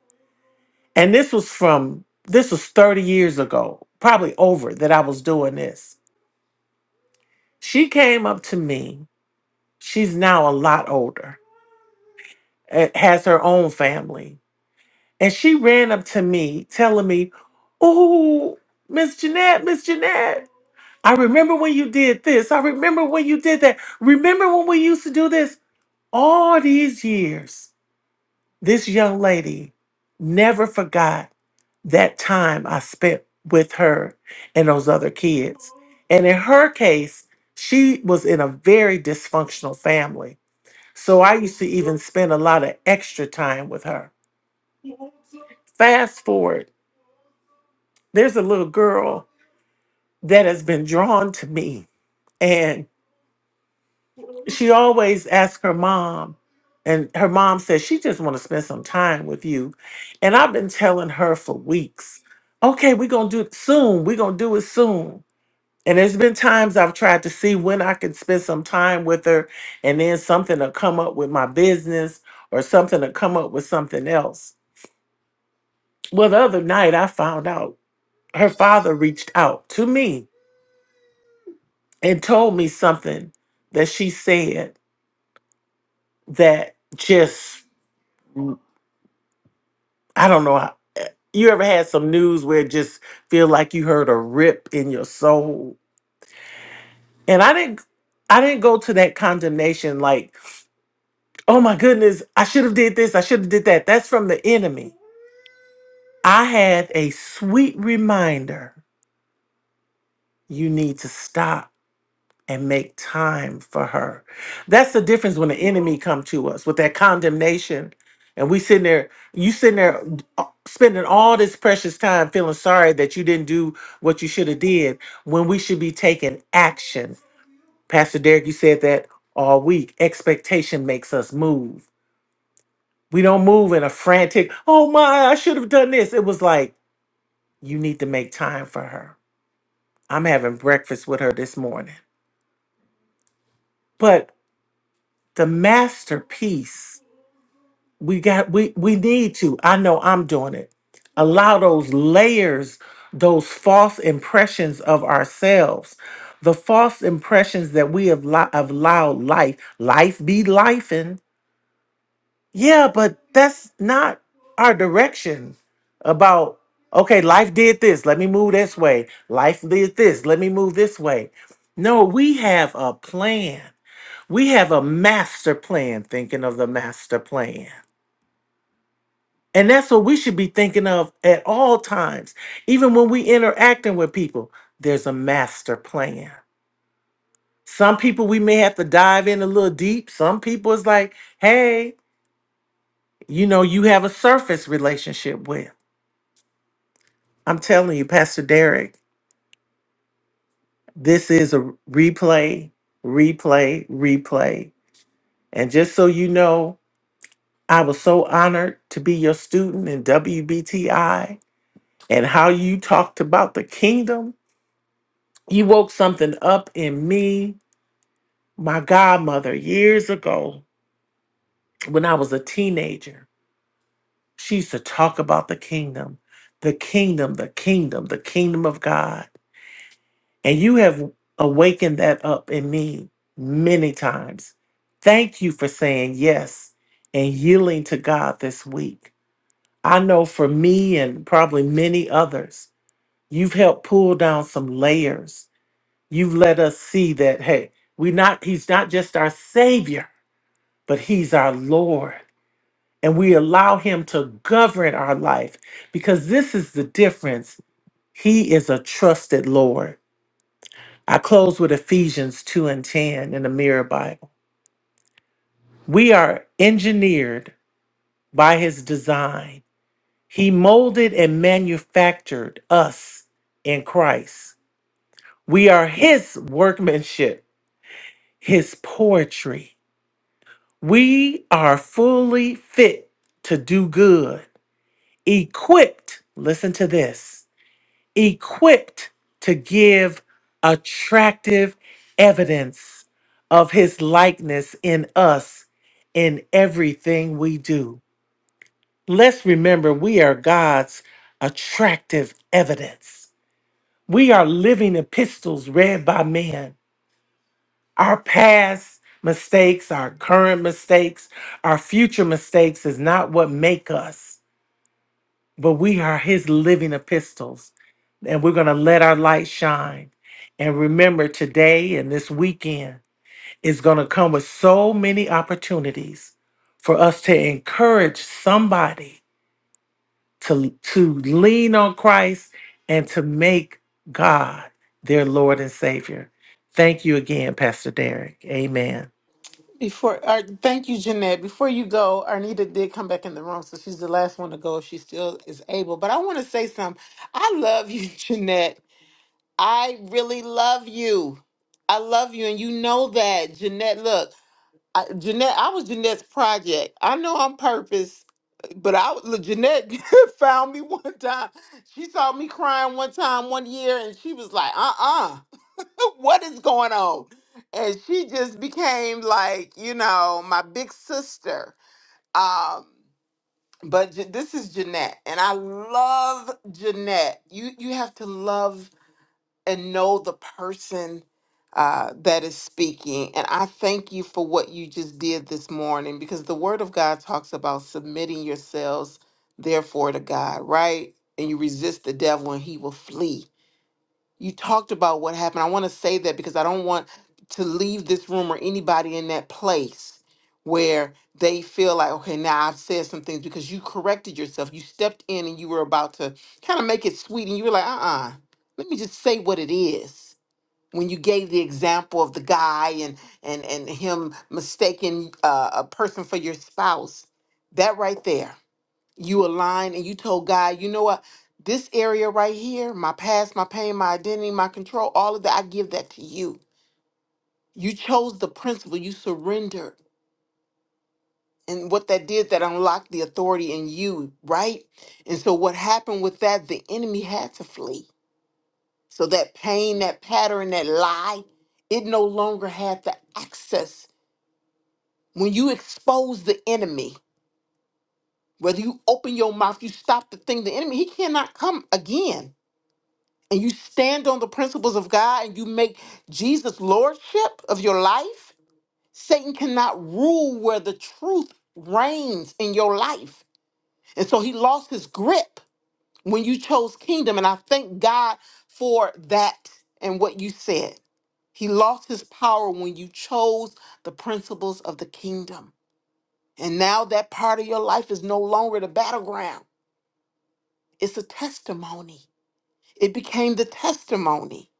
and this was from this was 30 years ago probably over that I was doing this she came up to me she's now a lot older eh, has her own family And she ran up to me telling me, Oh, Miss Jeanette, Miss Jeanette, I remember when you did this. I remember when you did that. Remember when we used to do this? All these years, this young lady never forgot that time I spent with her and those other kids. And in her case, she was in a very dysfunctional family. So I used to even spend a lot of extra time with her. Fast forward, there's a little girl that has been drawn to me. And she always asked her mom, and her mom said she just want to spend some time with you. And I've been telling her for weeks, okay, we're gonna do it soon. We're gonna do it soon. And there's been times I've tried to see when I could spend some time with her, and then something to come up with my business or something to come up with something else. Well, the other night I found out her father reached out to me and told me something that she said. that just I don't know. how- You ever had some news where it just feel like you heard a rip in your soul? And I didn't I didn't go to that condemnation like, "Oh my goodness, I should have did this, I should have did that." That's from the enemy. I had a sweet reminder. You need to stop and make time for her. That's the difference when the enemy come to us with that condemnation, and we sitting there, you sitting there uh, spending all this precious time feeling sorry that you didn't do what you should have did when we should be taking action. Pastor Derek, you said that all week. Expectation makes us move. We don't move in a frantic, oh my, I should have done this. It was like, you need to make time for her. I'm having breakfast with her this morning. But the masterpiece we got we we need to i know i'm doing it allow those layers those false impressions of ourselves the false impressions that we have li- have allowed life life be life yeah but that's not our direction about okay life did this let me move this way life did this let me move this way no we have a plan we have a master plan thinking of the master plan And that's what we should be thinking of at all times. Even when we interacting with people, there's a master plan. Some people we may have to dive in a little deep. Some people it's like, hey, you know, you have a surface relationship with. I'm telling you, Pastor Derek, this is a replay, replay, replay. And just so you know, I was so honored to be your student in WBTI and how you talked about the kingdom You woke something up in me. My godmother, years ago, when I was a teenager, she used to talk about the kingdom, the kingdom, the kingdom, the kingdom of God. And you have awakened that up in me many times. Thank you for saying yes and yielding to God this week. I know for me and probably many others, you've helped pull down some layers You've let us see that, hey, we not, he's not just our Savior, but he's our Lord. And we allow him to govern our life because this is the difference. He is a trusted Lord. I close with Ephesians 2 and 10 in the Mirror Bible. We are engineered by his design. He molded and manufactured us in Christ. We are his workmanship, his poetry. We are fully fit to do good, equipped, listen to this, equipped to give attractive evidence of his likeness in us in everything we do. Let's remember we are God's attractive evidence. We are living epistles read by man Our past mistakes, our current mistakes, our future mistakes is not what make us, but we are his living epistles. And we're going to let our light shine. And remember, today and this weekend is going to come with so many opportunities for us to encourage somebody to, to lean on Christ and to make God their Lord and Savior. Thank you again, Pastor Derek. Amen. Before, uh, thank you, Jeanette. Before you go, Arnita did come back in the room, so she's the last one to go if she still is able. But I want to say something. I love you, Jeanette. I really love you. I love you, and you know that, Jeanette. Look, I, Jeanette, I was Jeanette's project. I know I'm purpose, but I was- Jeanette found me one time. She saw me crying one time one year, and she was like, "Uh-uh, what is going on?" And she just became like, you know, my big sister. Um, but Je- this is Jeanette, and I love Jeanette. You you have to love and know the person uh, that is speaking. And I thank you for what you just did this morning because the Word of God talks about submitting yourselves, therefore, to God, right? And you resist the devil and he will flee. You talked about what happened. I want to say that because I don't want to leave this room or anybody in that place where they feel like, okay, now I've said some things because you corrected yourself. You stepped in and you were about to kind of make it sweet and you were like, uh uh let me just say what it is when you gave the example of the guy and and and him mistaking uh, a person for your spouse that right there you aligned and you told god you know what this area right here my past my pain my identity my control all of that i give that to you you chose the principle you surrendered and what that did that unlocked the authority in you right and so what happened with that the enemy had to flee so that pain that pattern that lie it no longer had the access When you expose the enemy, whether you open your mouth, you stop the thing, the enemy, he cannot come again. And you stand on the principles of God and you make Jesus lordship of your life, Satan cannot rule where the truth reigns in your life. And so he lost his grip when you chose kingdom. And I thank God for that and what you said. He lost his power when you chose the principles of the kingdom. And now that part of your life is no longer the battleground. It's a testimony. It became the testimony.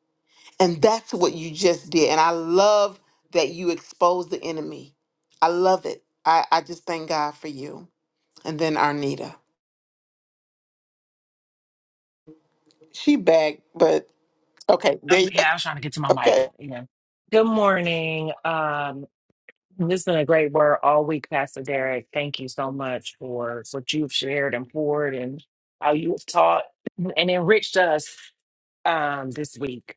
And that's what you just did. And I love that you exposed the enemy. I love it. I, I just thank God for you. And then Arnita. She back, but okay, there I'm, you go. yeah, I was trying to get to my mic. Okay. Yeah. Good morning. Um, this has been a great word all week, Pastor Derek. Thank you so much for what you've shared and poured and how you have taught and enriched us um, this week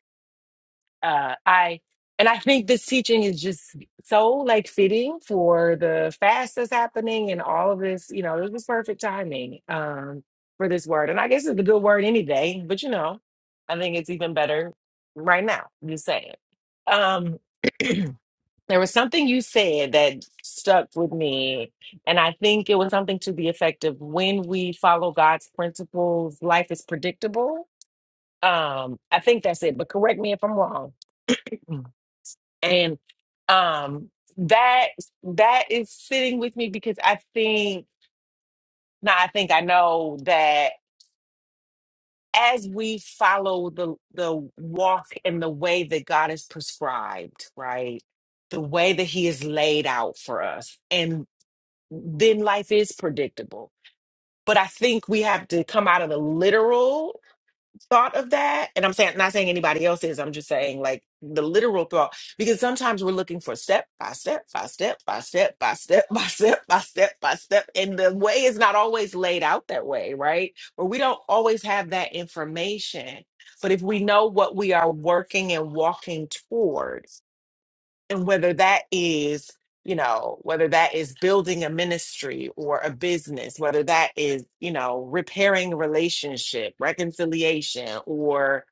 uh i and i think this teaching is just so like fitting for the fast that's happening and all of this you know this was perfect timing um for this word and i guess it's a good word any day but you know i think it's even better right now just saying um there was something you said that stuck with me and i think it was something to the effect of when we follow god's principles life is predictable um i think that's it but correct me if i'm wrong and um that that is sitting with me because i think now i think i know that as we follow the the walk and the way that god is prescribed right the way that he is laid out for us and then life is predictable but i think we have to come out of the literal thought of that and i'm saying not saying anybody else is i'm just saying like the literal thought because sometimes we're looking for step by step by step by step by step by step by step by step and the way is not always laid out that way right or we don't always have that information but if we know what we are working and walking toward and whether that is you know whether that is building a ministry or a business whether that is you know repairing a relationship reconciliation or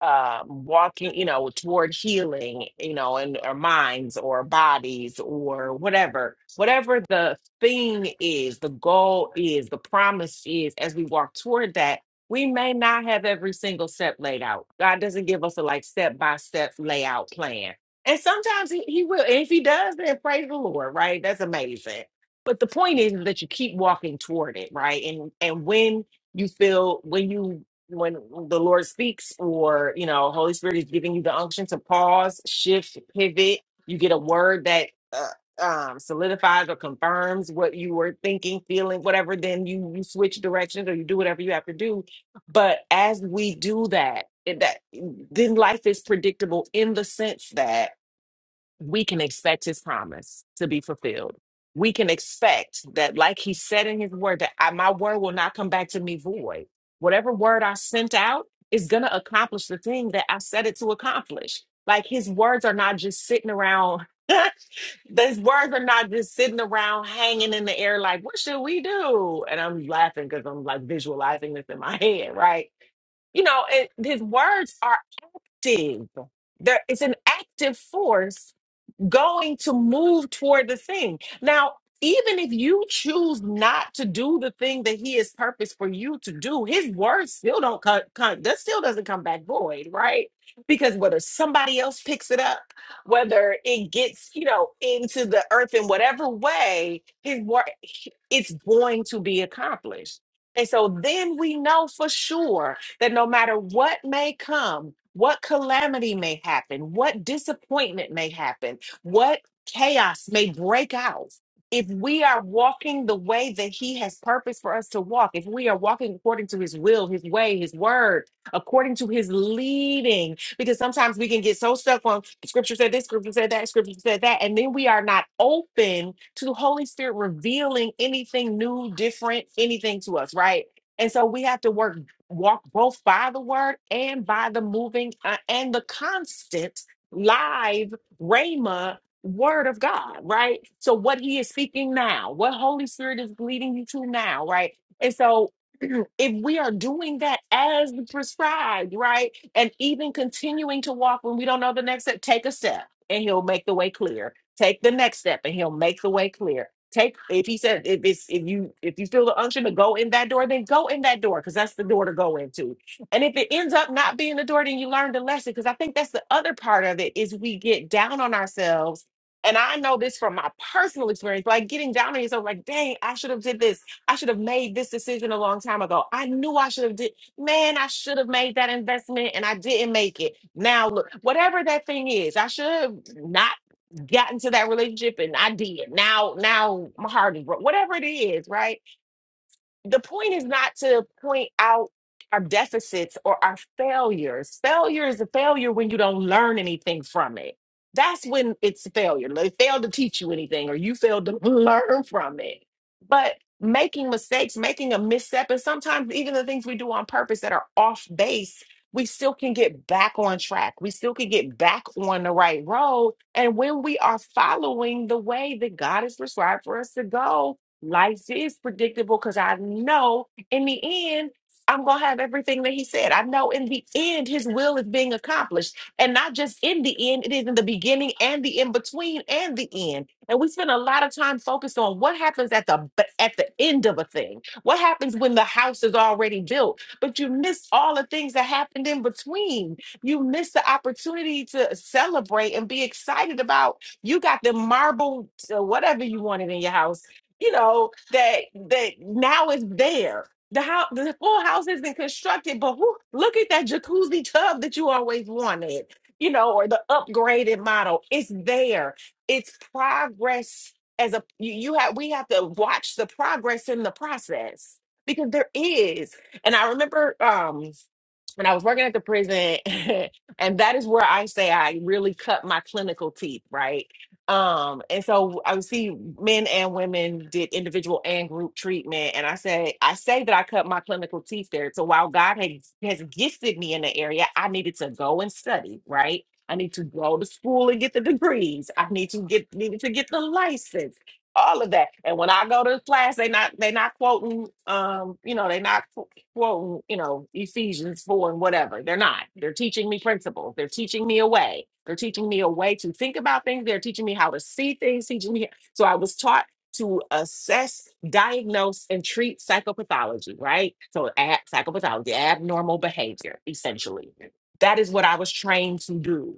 um, walking you know toward healing you know in our minds or bodies or whatever whatever the thing is the goal is the promise is as we walk toward that we may not have every single step laid out god doesn't give us a like step by step layout plan and sometimes he, he will. And if he does, then praise the Lord, right? That's amazing. But the point is that you keep walking toward it, right? And and when you feel when you when the Lord speaks or you know Holy Spirit is giving you the unction to pause, shift, pivot, you get a word that uh, um, solidifies or confirms what you were thinking, feeling, whatever. Then you you switch directions or you do whatever you have to do. But as we do that, it- that then life is predictable in the sense that we can expect his promise to be fulfilled. We can expect that, like he said in his word, that I, my word will not come back to me void. Whatever word I sent out is going to accomplish the thing that I set it to accomplish. Like his words are not just sitting around. His words are not just sitting around hanging in the air, like, what should we do? And I'm laughing because I'm like visualizing this in my head, right? you know, it, his words are active. There, it's an active force going to move toward the thing. Now, even if you choose not to do the thing that he has purposed for you to do, his word still don't come, come that still doesn't come back void, right? Because whether somebody else picks it up, whether it gets, you know, into the earth in whatever way, his word it's going to be accomplished. And so then we know for sure that no matter what may come, what calamity may happen, what disappointment may happen, what chaos may break out, if we are walking the way that He has purpose for us to walk, if we are walking according to His will, His way, His word, according to His leading, because sometimes we can get so stuck on scripture said this, scripture said that, scripture said that, and then we are not open to the Holy Spirit revealing anything new, different, anything to us, right? And so we have to work, walk both by the word and by the moving uh, and the constant live Rhema word of God, right? So what he is speaking now, what Holy Spirit is leading you to now, right? And so if we are doing that as prescribed, right? and even continuing to walk when we don't know the next step take a step and he'll make the way clear take the next step and he'll make the way clear take if he said if it's if you if you feel the unction to go in that door then go in that door because that's the door to go into and if it ends up not being the door then you learn the lesson because i think that's the other part of it is we get down on ourselves and i know this from my personal experience like getting down on yourself like dang i should have did this i should have made this decision a long time ago i knew i should have did Man, I should have made that investment and I didn't make it. Now, look, whatever that thing is, I should have not gotten to that relationship and I did. Now, now my heart is broke. Whatever it is, right? the point is not to point out our deficits or our failures. Failure is a failure when you don't learn anything from it. That's when it's a failure. They failed to teach you anything or you failed to learn from it. But making mistakes, making a misstep, and sometimes even the things we do on purpose that are off base, we still can get back on track. We still can get back on the right road. And when we are following the way that God has prescribed for us to go, Life is predictable because I know in the end, I'm going to have everything that he said. I know in the end, his will is being accomplished. And not just in the end, it is in the beginning and the in between and the end. And we spend a lot of time focused on what happens at the b- at the end of a thing. What happens when the house is already built? But you miss all the things that happened in between. You miss the opportunity to celebrate and be excited about you got the marble, uh, whatever you wanted in your house you know that that now is there. The house, the full house isn't constructed, but who, look at that jacuzzi tub that you always wanted, you know, or the upgraded model. It's there. It's progress as a you, you have we have to watch the progress in the process because there is. And I remember um when I was working at the prison, and that is where I say I really cut my clinical teeth, right? Um, and so I would see men and women did individual and group treatment. And I say, I say that I cut my clinical teeth there. So while God has, has gifted me in the area, I needed to go and study, right? I need to go to school and get the degrees. I need to get needed to get the license all of that. And when I go to class, they not they not quoting um, you know, they not qu- quoting, you know, Ephesians 4 and whatever. They're not. They're teaching me principles. They're teaching me a way. They're teaching me a way to think about things. They're teaching me how to see things, teaching me. So I was taught to assess, diagnose, and treat psychopathology, right? So ab- psychopathology, abnormal behavior, essentially. That is what I was trained to do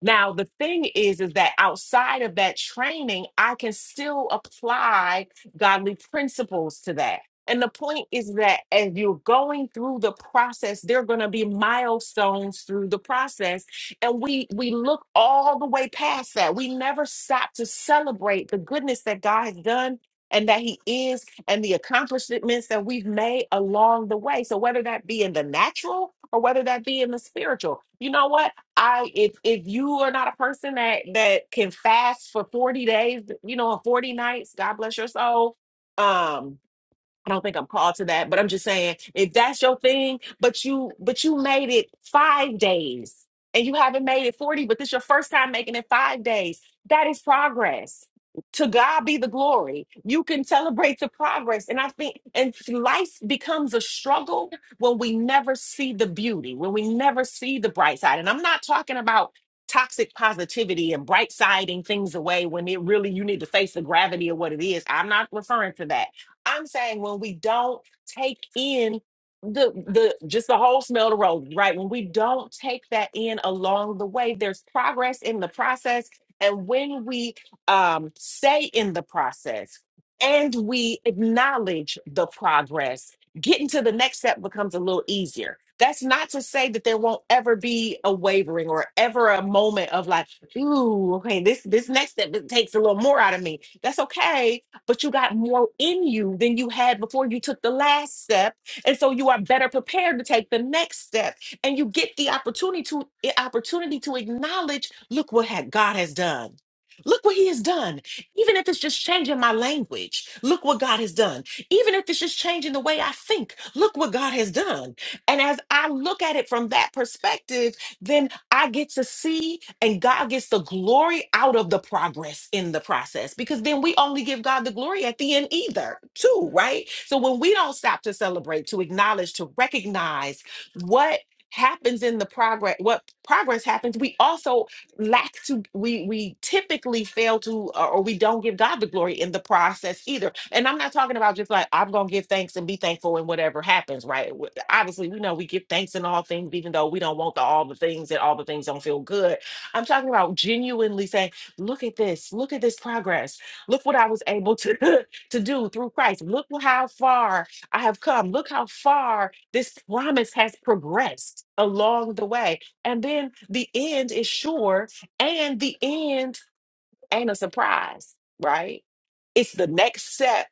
now, the thing is, is that outside of that training, I can still apply godly principles to that. And the point is that as you're going through the process, there are going to be milestones through the process. And we we look all the way past that. We never stop to celebrate the goodness that God has done and that He is and the accomplishments that we've made along the way. So whether that be in the natural or whether that be in the spiritual, you know what? I if if you are not a person that that can fast for 40 days, you know, 40 nights, God bless your soul. Um I don't think I'm called to that, but I'm just saying if that's your thing, but you but you made it five days and you haven't made it 40, but this your first time making it five days. That is progress. To God be the glory. You can celebrate the progress. And I think and life becomes a struggle when we never see the beauty, when we never see the bright side. And I'm not talking about toxic positivity and bright siding things away when it really you need to face the gravity of what it is. I'm not referring to that. I'm saying when we don't take in the the just the whole smell of the road, right? When we don't take that in along the way, there's progress in the process. And when we um stay in the process and we acknowledge the progress, getting to the next step becomes a little easier. That's not to say that there won't ever be a wavering or ever a moment of like, ooh, okay, this this next step it takes a little more out of me. That's okay but you got more in you than you had before you took the last step. And so you are better prepared to take the next step. And you get the opportunity to eh, opportunity to acknowledge, look what had God has done. Look what he has done. Even if it's just changing my language, look what God has done. Even if it's just changing the way I think, look what God has done. And as I look at it from that perspective, then I get to see and God gets the glory out of the progress in the process because then we only give God the glory at the end either, too, right? So when we don't stop to celebrate, to acknowledge, to recognize what happens in the progress what progress happens we also lack to we we typically fail to uh, or we don't give god the glory in the process either and i'm not talking about just like i'm gonna give thanks and be thankful and whatever happens right obviously we know we give thanks in all things even though we don't want the all the things and all the things don't feel good i'm talking about genuinely saying look at this look at this progress look what i was able to to do through christ look wh- how far i have come look how far this promise has progressed along the way and then the end is sure and the end ain't a surprise right it's the next step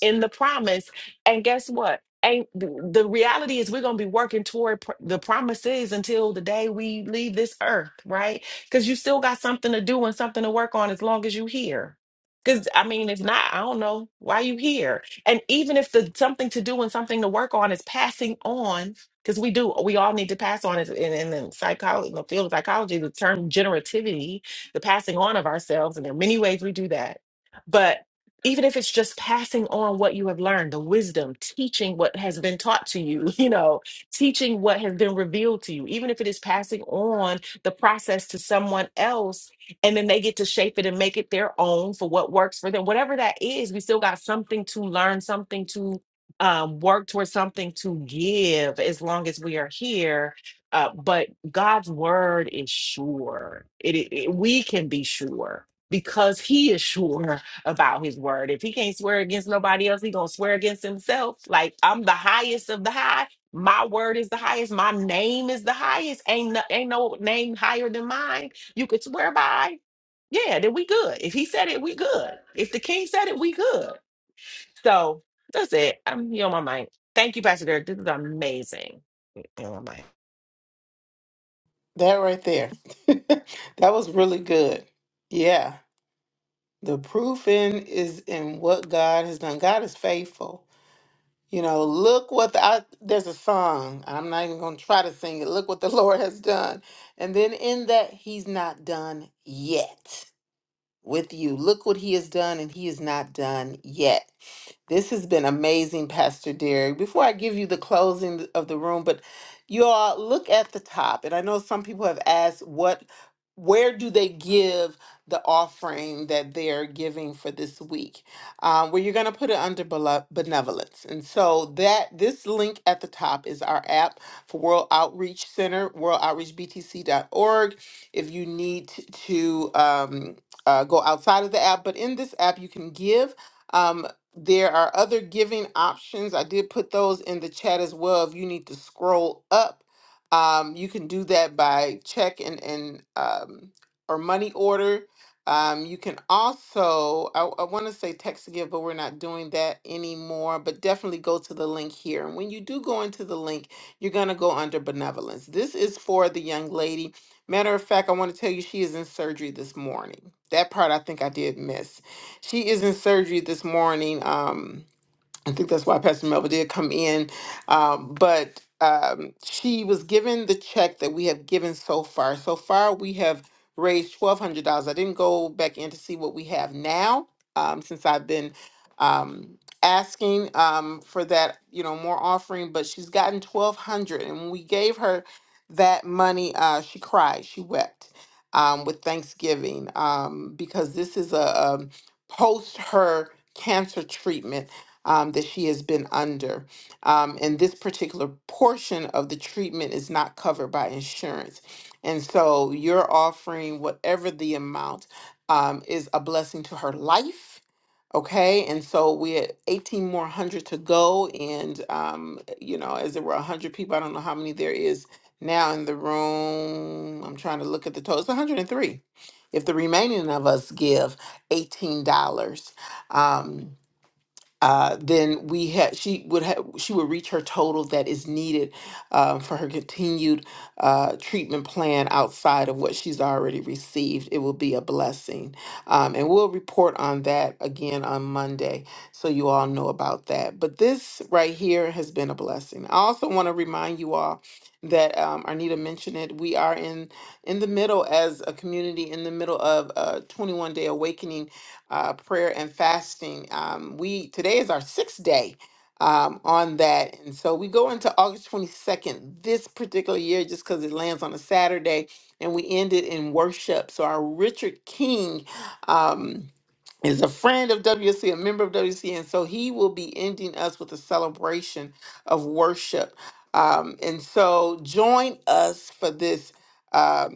in the promise. And guess what? And the the reality is, we're going to be working toward pr- the promises until the day we leave this earth, right? Because you still got something to do and something to work on as long as you are here. Because I mean, if not, I don't know why you here. And even if the something to do and something to work on is passing on, because we do, we all need to pass on. Is in, in, in psychology, in the field of psychology, the term generativity, the passing on of ourselves, and there are many ways we do that. But even if it's just passing on what you have learned the wisdom teaching what has been taught to you you know teaching what has been revealed to you even if it is passing on the process to someone else and then they get to shape it and make it their own for what works for them whatever that is we still got something to learn something to um, work towards something to give as long as we are here uh, but god's word is sure it, it it- we can be sure because he is sure about his word. If he can't swear against nobody else, he gonna swear against himself. Like I'm the highest of the high. My word is the highest. My name is the highest. Ain't no, ain't no name higher than mine. You could swear by. Yeah, then we good. If he said it, we good. If the king said it, we good. So that's it. I'm here on my mind. Thank you, Pastor Derek. This is amazing. you on my mind. That right there. that was really good. Yeah. The proof in is in what God has done. God is faithful. You know, look what the, I, there's a song. I'm not even going to try to sing it. Look what the Lord has done. And then in that, He's not done yet with you. Look what He has done, and He is not done yet. This has been amazing, Pastor Derek. Before I give you the closing of the room, but you all look at the top. And I know some people have asked what where do they give the offering that they're giving for this week? Um, well, you're going to put it under below? benevolence. And so that this link at the top is our app for World Outreach Center, worldoutreachbtc.org. If you need t- to um, uh, go outside of the app, but in this app you can give. Um, there are other giving options. I did put those in the chat as well. If you need to scroll up, um, you can do that by check and and um, or money order. Um, you can also, I, I want to say text to give, but we're not doing that anymore. But definitely go to the link here. And when you do go into the link, you're going to go under benevolence. This is for the young lady. Matter of fact, I want to tell you she is in surgery this morning. That part I think I did miss. She is in surgery this morning. Um, I think that's why Pastor Melba did come in. Um, but um, she was given the check that we have given so far. So far, we have raised $1,200. I didn't go back in to see what we have now um, since I've been um, asking um, for that, you know, more offering, but she's gotten 1200 And we gave her that money uh, she cried she wept um, with thanksgiving um, because this is a, um post her cancer treatment um, that she has been under um, and this particular portion of the treatment is not covered by insurance and so you're offering whatever the amount um, is a blessing to her life Okay, and so we're at 18 more hundred to go, and um, you know, as there were 100 people, I don't know how many there is now in the room. I'm trying to look at the total. It's 103. If the remaining of us give $18, um, uh, then we had she would have she would reach her total that is needed uh, for her continued uh, treatment plan outside of what she's already received. It will be a blessing, um, and we'll report on that again on Monday, so you all know about that. But this right here has been a blessing. I also want to remind you all that um, Arnita mentioned it. We are in in the middle as a community in the middle of a 21 day awakening uh, prayer and fasting. Um, we today is our sixth day um, on that, and so we go into August 22nd this particular year just because it lands on a Saturday, and we end it in worship. So our Richard King is a friend of W C, a member of WC, and so he will be ending us with a celebration of worship. Um, and so join us for this uh,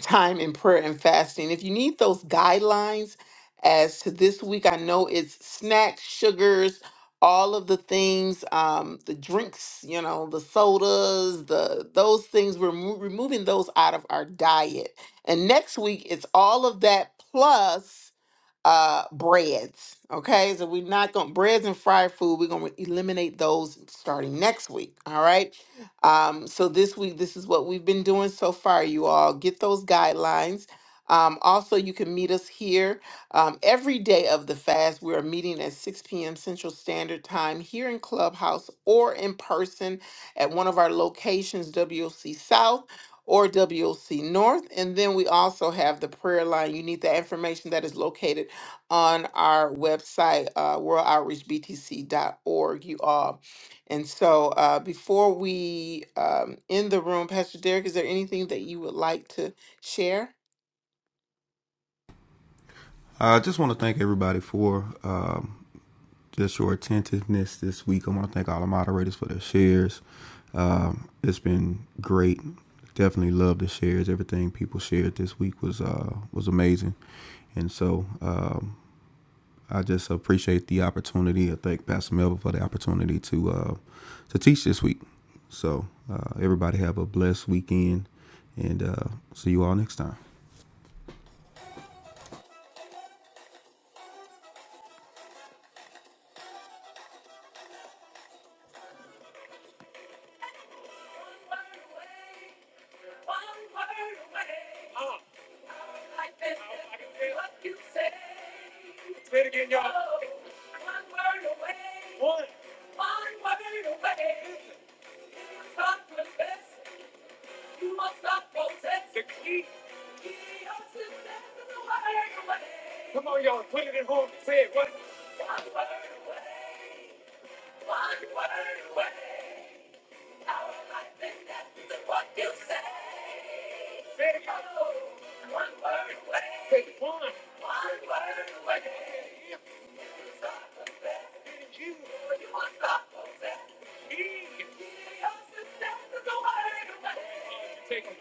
time in prayer and fasting. If you need those guidelines as to this week, I know it's snacks, sugars, all of the things, um, the drinks, you know, the sodas, the those things. We're mo- removing those out of our diet. And next week, it's all of that plus uh breads okay so we're not going breads and fried food we're going to eliminate those starting next week all right um so this week this is what we've been doing so far you all get those guidelines um also you can meet us here um every day of the fast we're meeting at 6 p.m central standard time here in clubhouse or in person at one of our locations WOC south or WOC North. And then we also have the prayer line. You need that information that is located on our website, uh, worldoutreachbtc.org, you all. And so uh, before we um, end the room, Pastor Derek, is there anything that you would like to share? I just want to thank everybody for um, just your attentiveness this week. I want to thank all the moderators for their shares. Um, it's been great. Definitely love the shares. Everything people shared this week was uh, was amazing, and so um, I just appreciate the opportunity. I thank Pastor Melvin for the opportunity to uh, to teach this week. So uh, everybody have a blessed weekend, and uh, see you all next time. Come on, y'all, put it at home. Say it. What? One word away. One word away. Take it.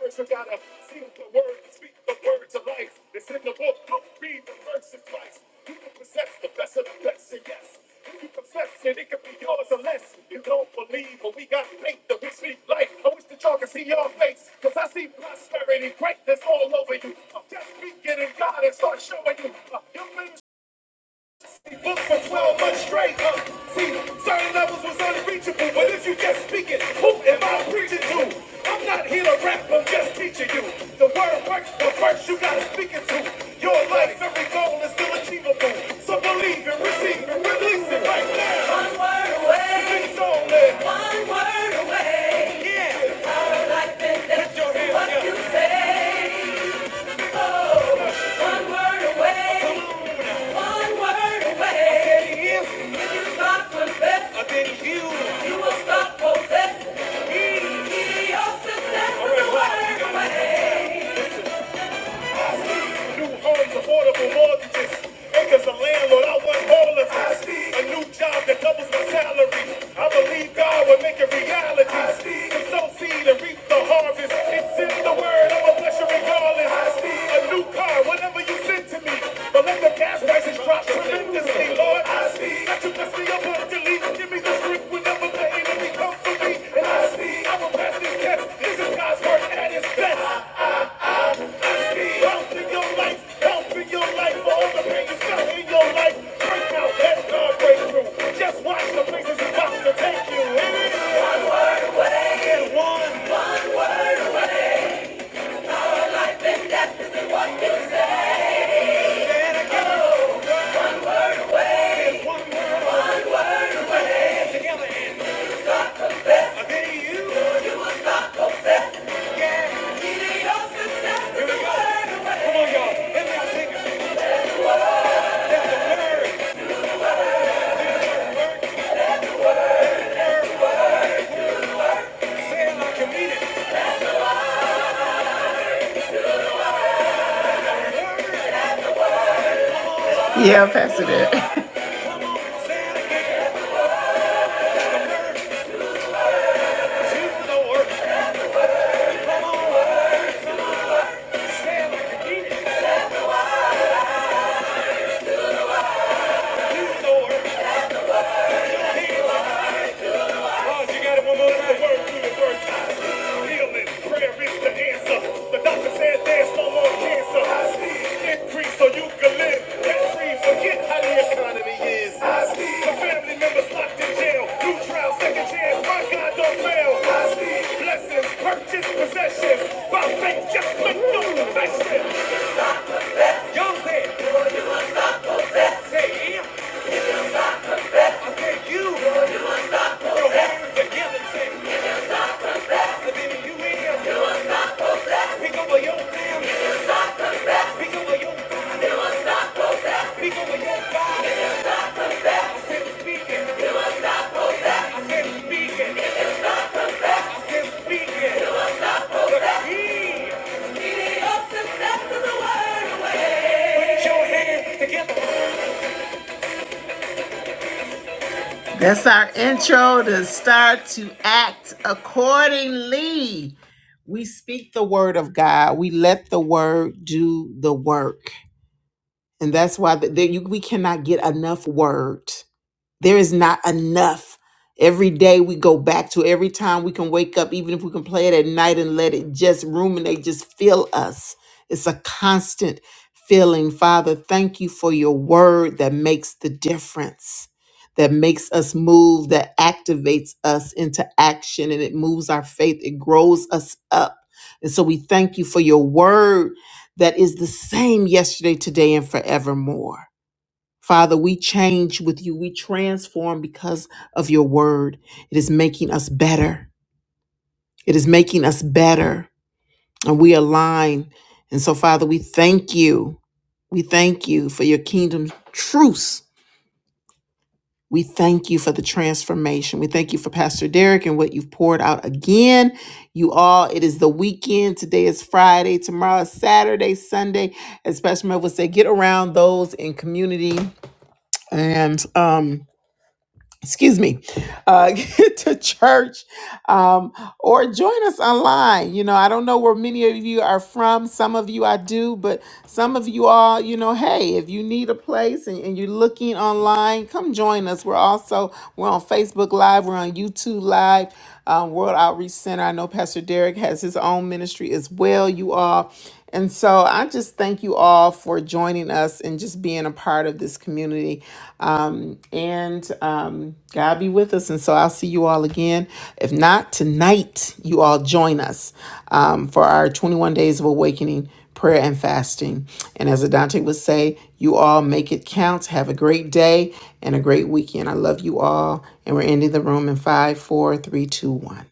First, you gotta sing the word, speak the word to life. It's in the book, read the verses twice. You can possess the best of the best, and yes you confess it, it could be yours unless you don't believe. But we got faith that we speak life. I wish that y'all could see your face. Cause I see prosperity, greatness all over you. I'm just speaking in God and start showing you. Uh, You've been Book for 12 months straight. Uh, see, certain levels was unreachable, but if you just speak it, who am I preaching to? I'm not here to rap, I'm just teaching you. The word works, but first you gotta speak it to. Your life, every goal is still achievable. So believe and receive and release it right now. One word away. Sing song, man. One word away. Yeah. Our life and death. what you say. One word away. One word away. If you stop confessing, you will stop possessing. The key of success right, is a word away. New homes, affordable mortgages, acres of land, Lord, I want all of it. A new job that doubles my salary. I believe God will make it reality. To sow seed and reap the harvest. It's in the word, I'm a bless you regardless. A new car, whatever you send to me. But let the gas prices drop tremendously, Lord. Let you bless me up abundantly. Give me the strength whenever the enemy comes for me. And I I will pass this test. This is God's word at its best no Yeah, pass it. in. it Healing, prayer is the answer. The doctor said there's no more cancer. I see increase so you can live and free. Forget how the economy is. I see the family members locked in jail. New trial, second chance. My God don't fail. I see blessings, purchase possession. By faith, just make no confession. Y'all said, say if that you together, devil you in, pick over your family, pick over your body. Look, he. He up the steps of the word away. Show him. That's our intro to start to act accordingly. We speak the word of God. We let the word do the work. And that's why the, the- you, we cannot get enough word. There is not enough. Every day we go back to every time we can wake up, even if we can play it at night and let it just ruminate, just fill us. It's a constant feeling. Father, thank you for your word that makes the difference, that makes us move, that activates us into action, and it moves our faith, it grows us up. And so we thank you for your word that is the same yesterday, today, and forevermore. Father, we change with you. We transform because of your word. It is making us better. It is making us better. And we align. And so, Father, we thank you. We thank you for your kingdom truce. We thank you for the transformation. We thank you for Pastor Derek and what you've poured out again. You all, it is the weekend. Today is Friday. Tomorrow is Saturday, Sunday. As Pastor Mel would say, get around those in community and um excuse me, uh, get to church um, or join us online. You know, I don't know where many of you are from. Some of you I do, but some of you all, you know, hey, if you need a place and, and you're looking online, come join us. We're also, we're on Facebook Live, we're on YouTube Live, um, World Outreach Center. I know Pastor Derek has his own ministry as well, you all. And so I just thank you all for joining us and just being a part of this community. And um, God be with us. And so I'll see you all again. If not, tonight you all join us um, for our 21 Days of Awakening prayer and fasting. And as Adante would say, you all make it count. Have a great day and a great weekend. I love you all. And we're ending the room in five, four, three, two, one.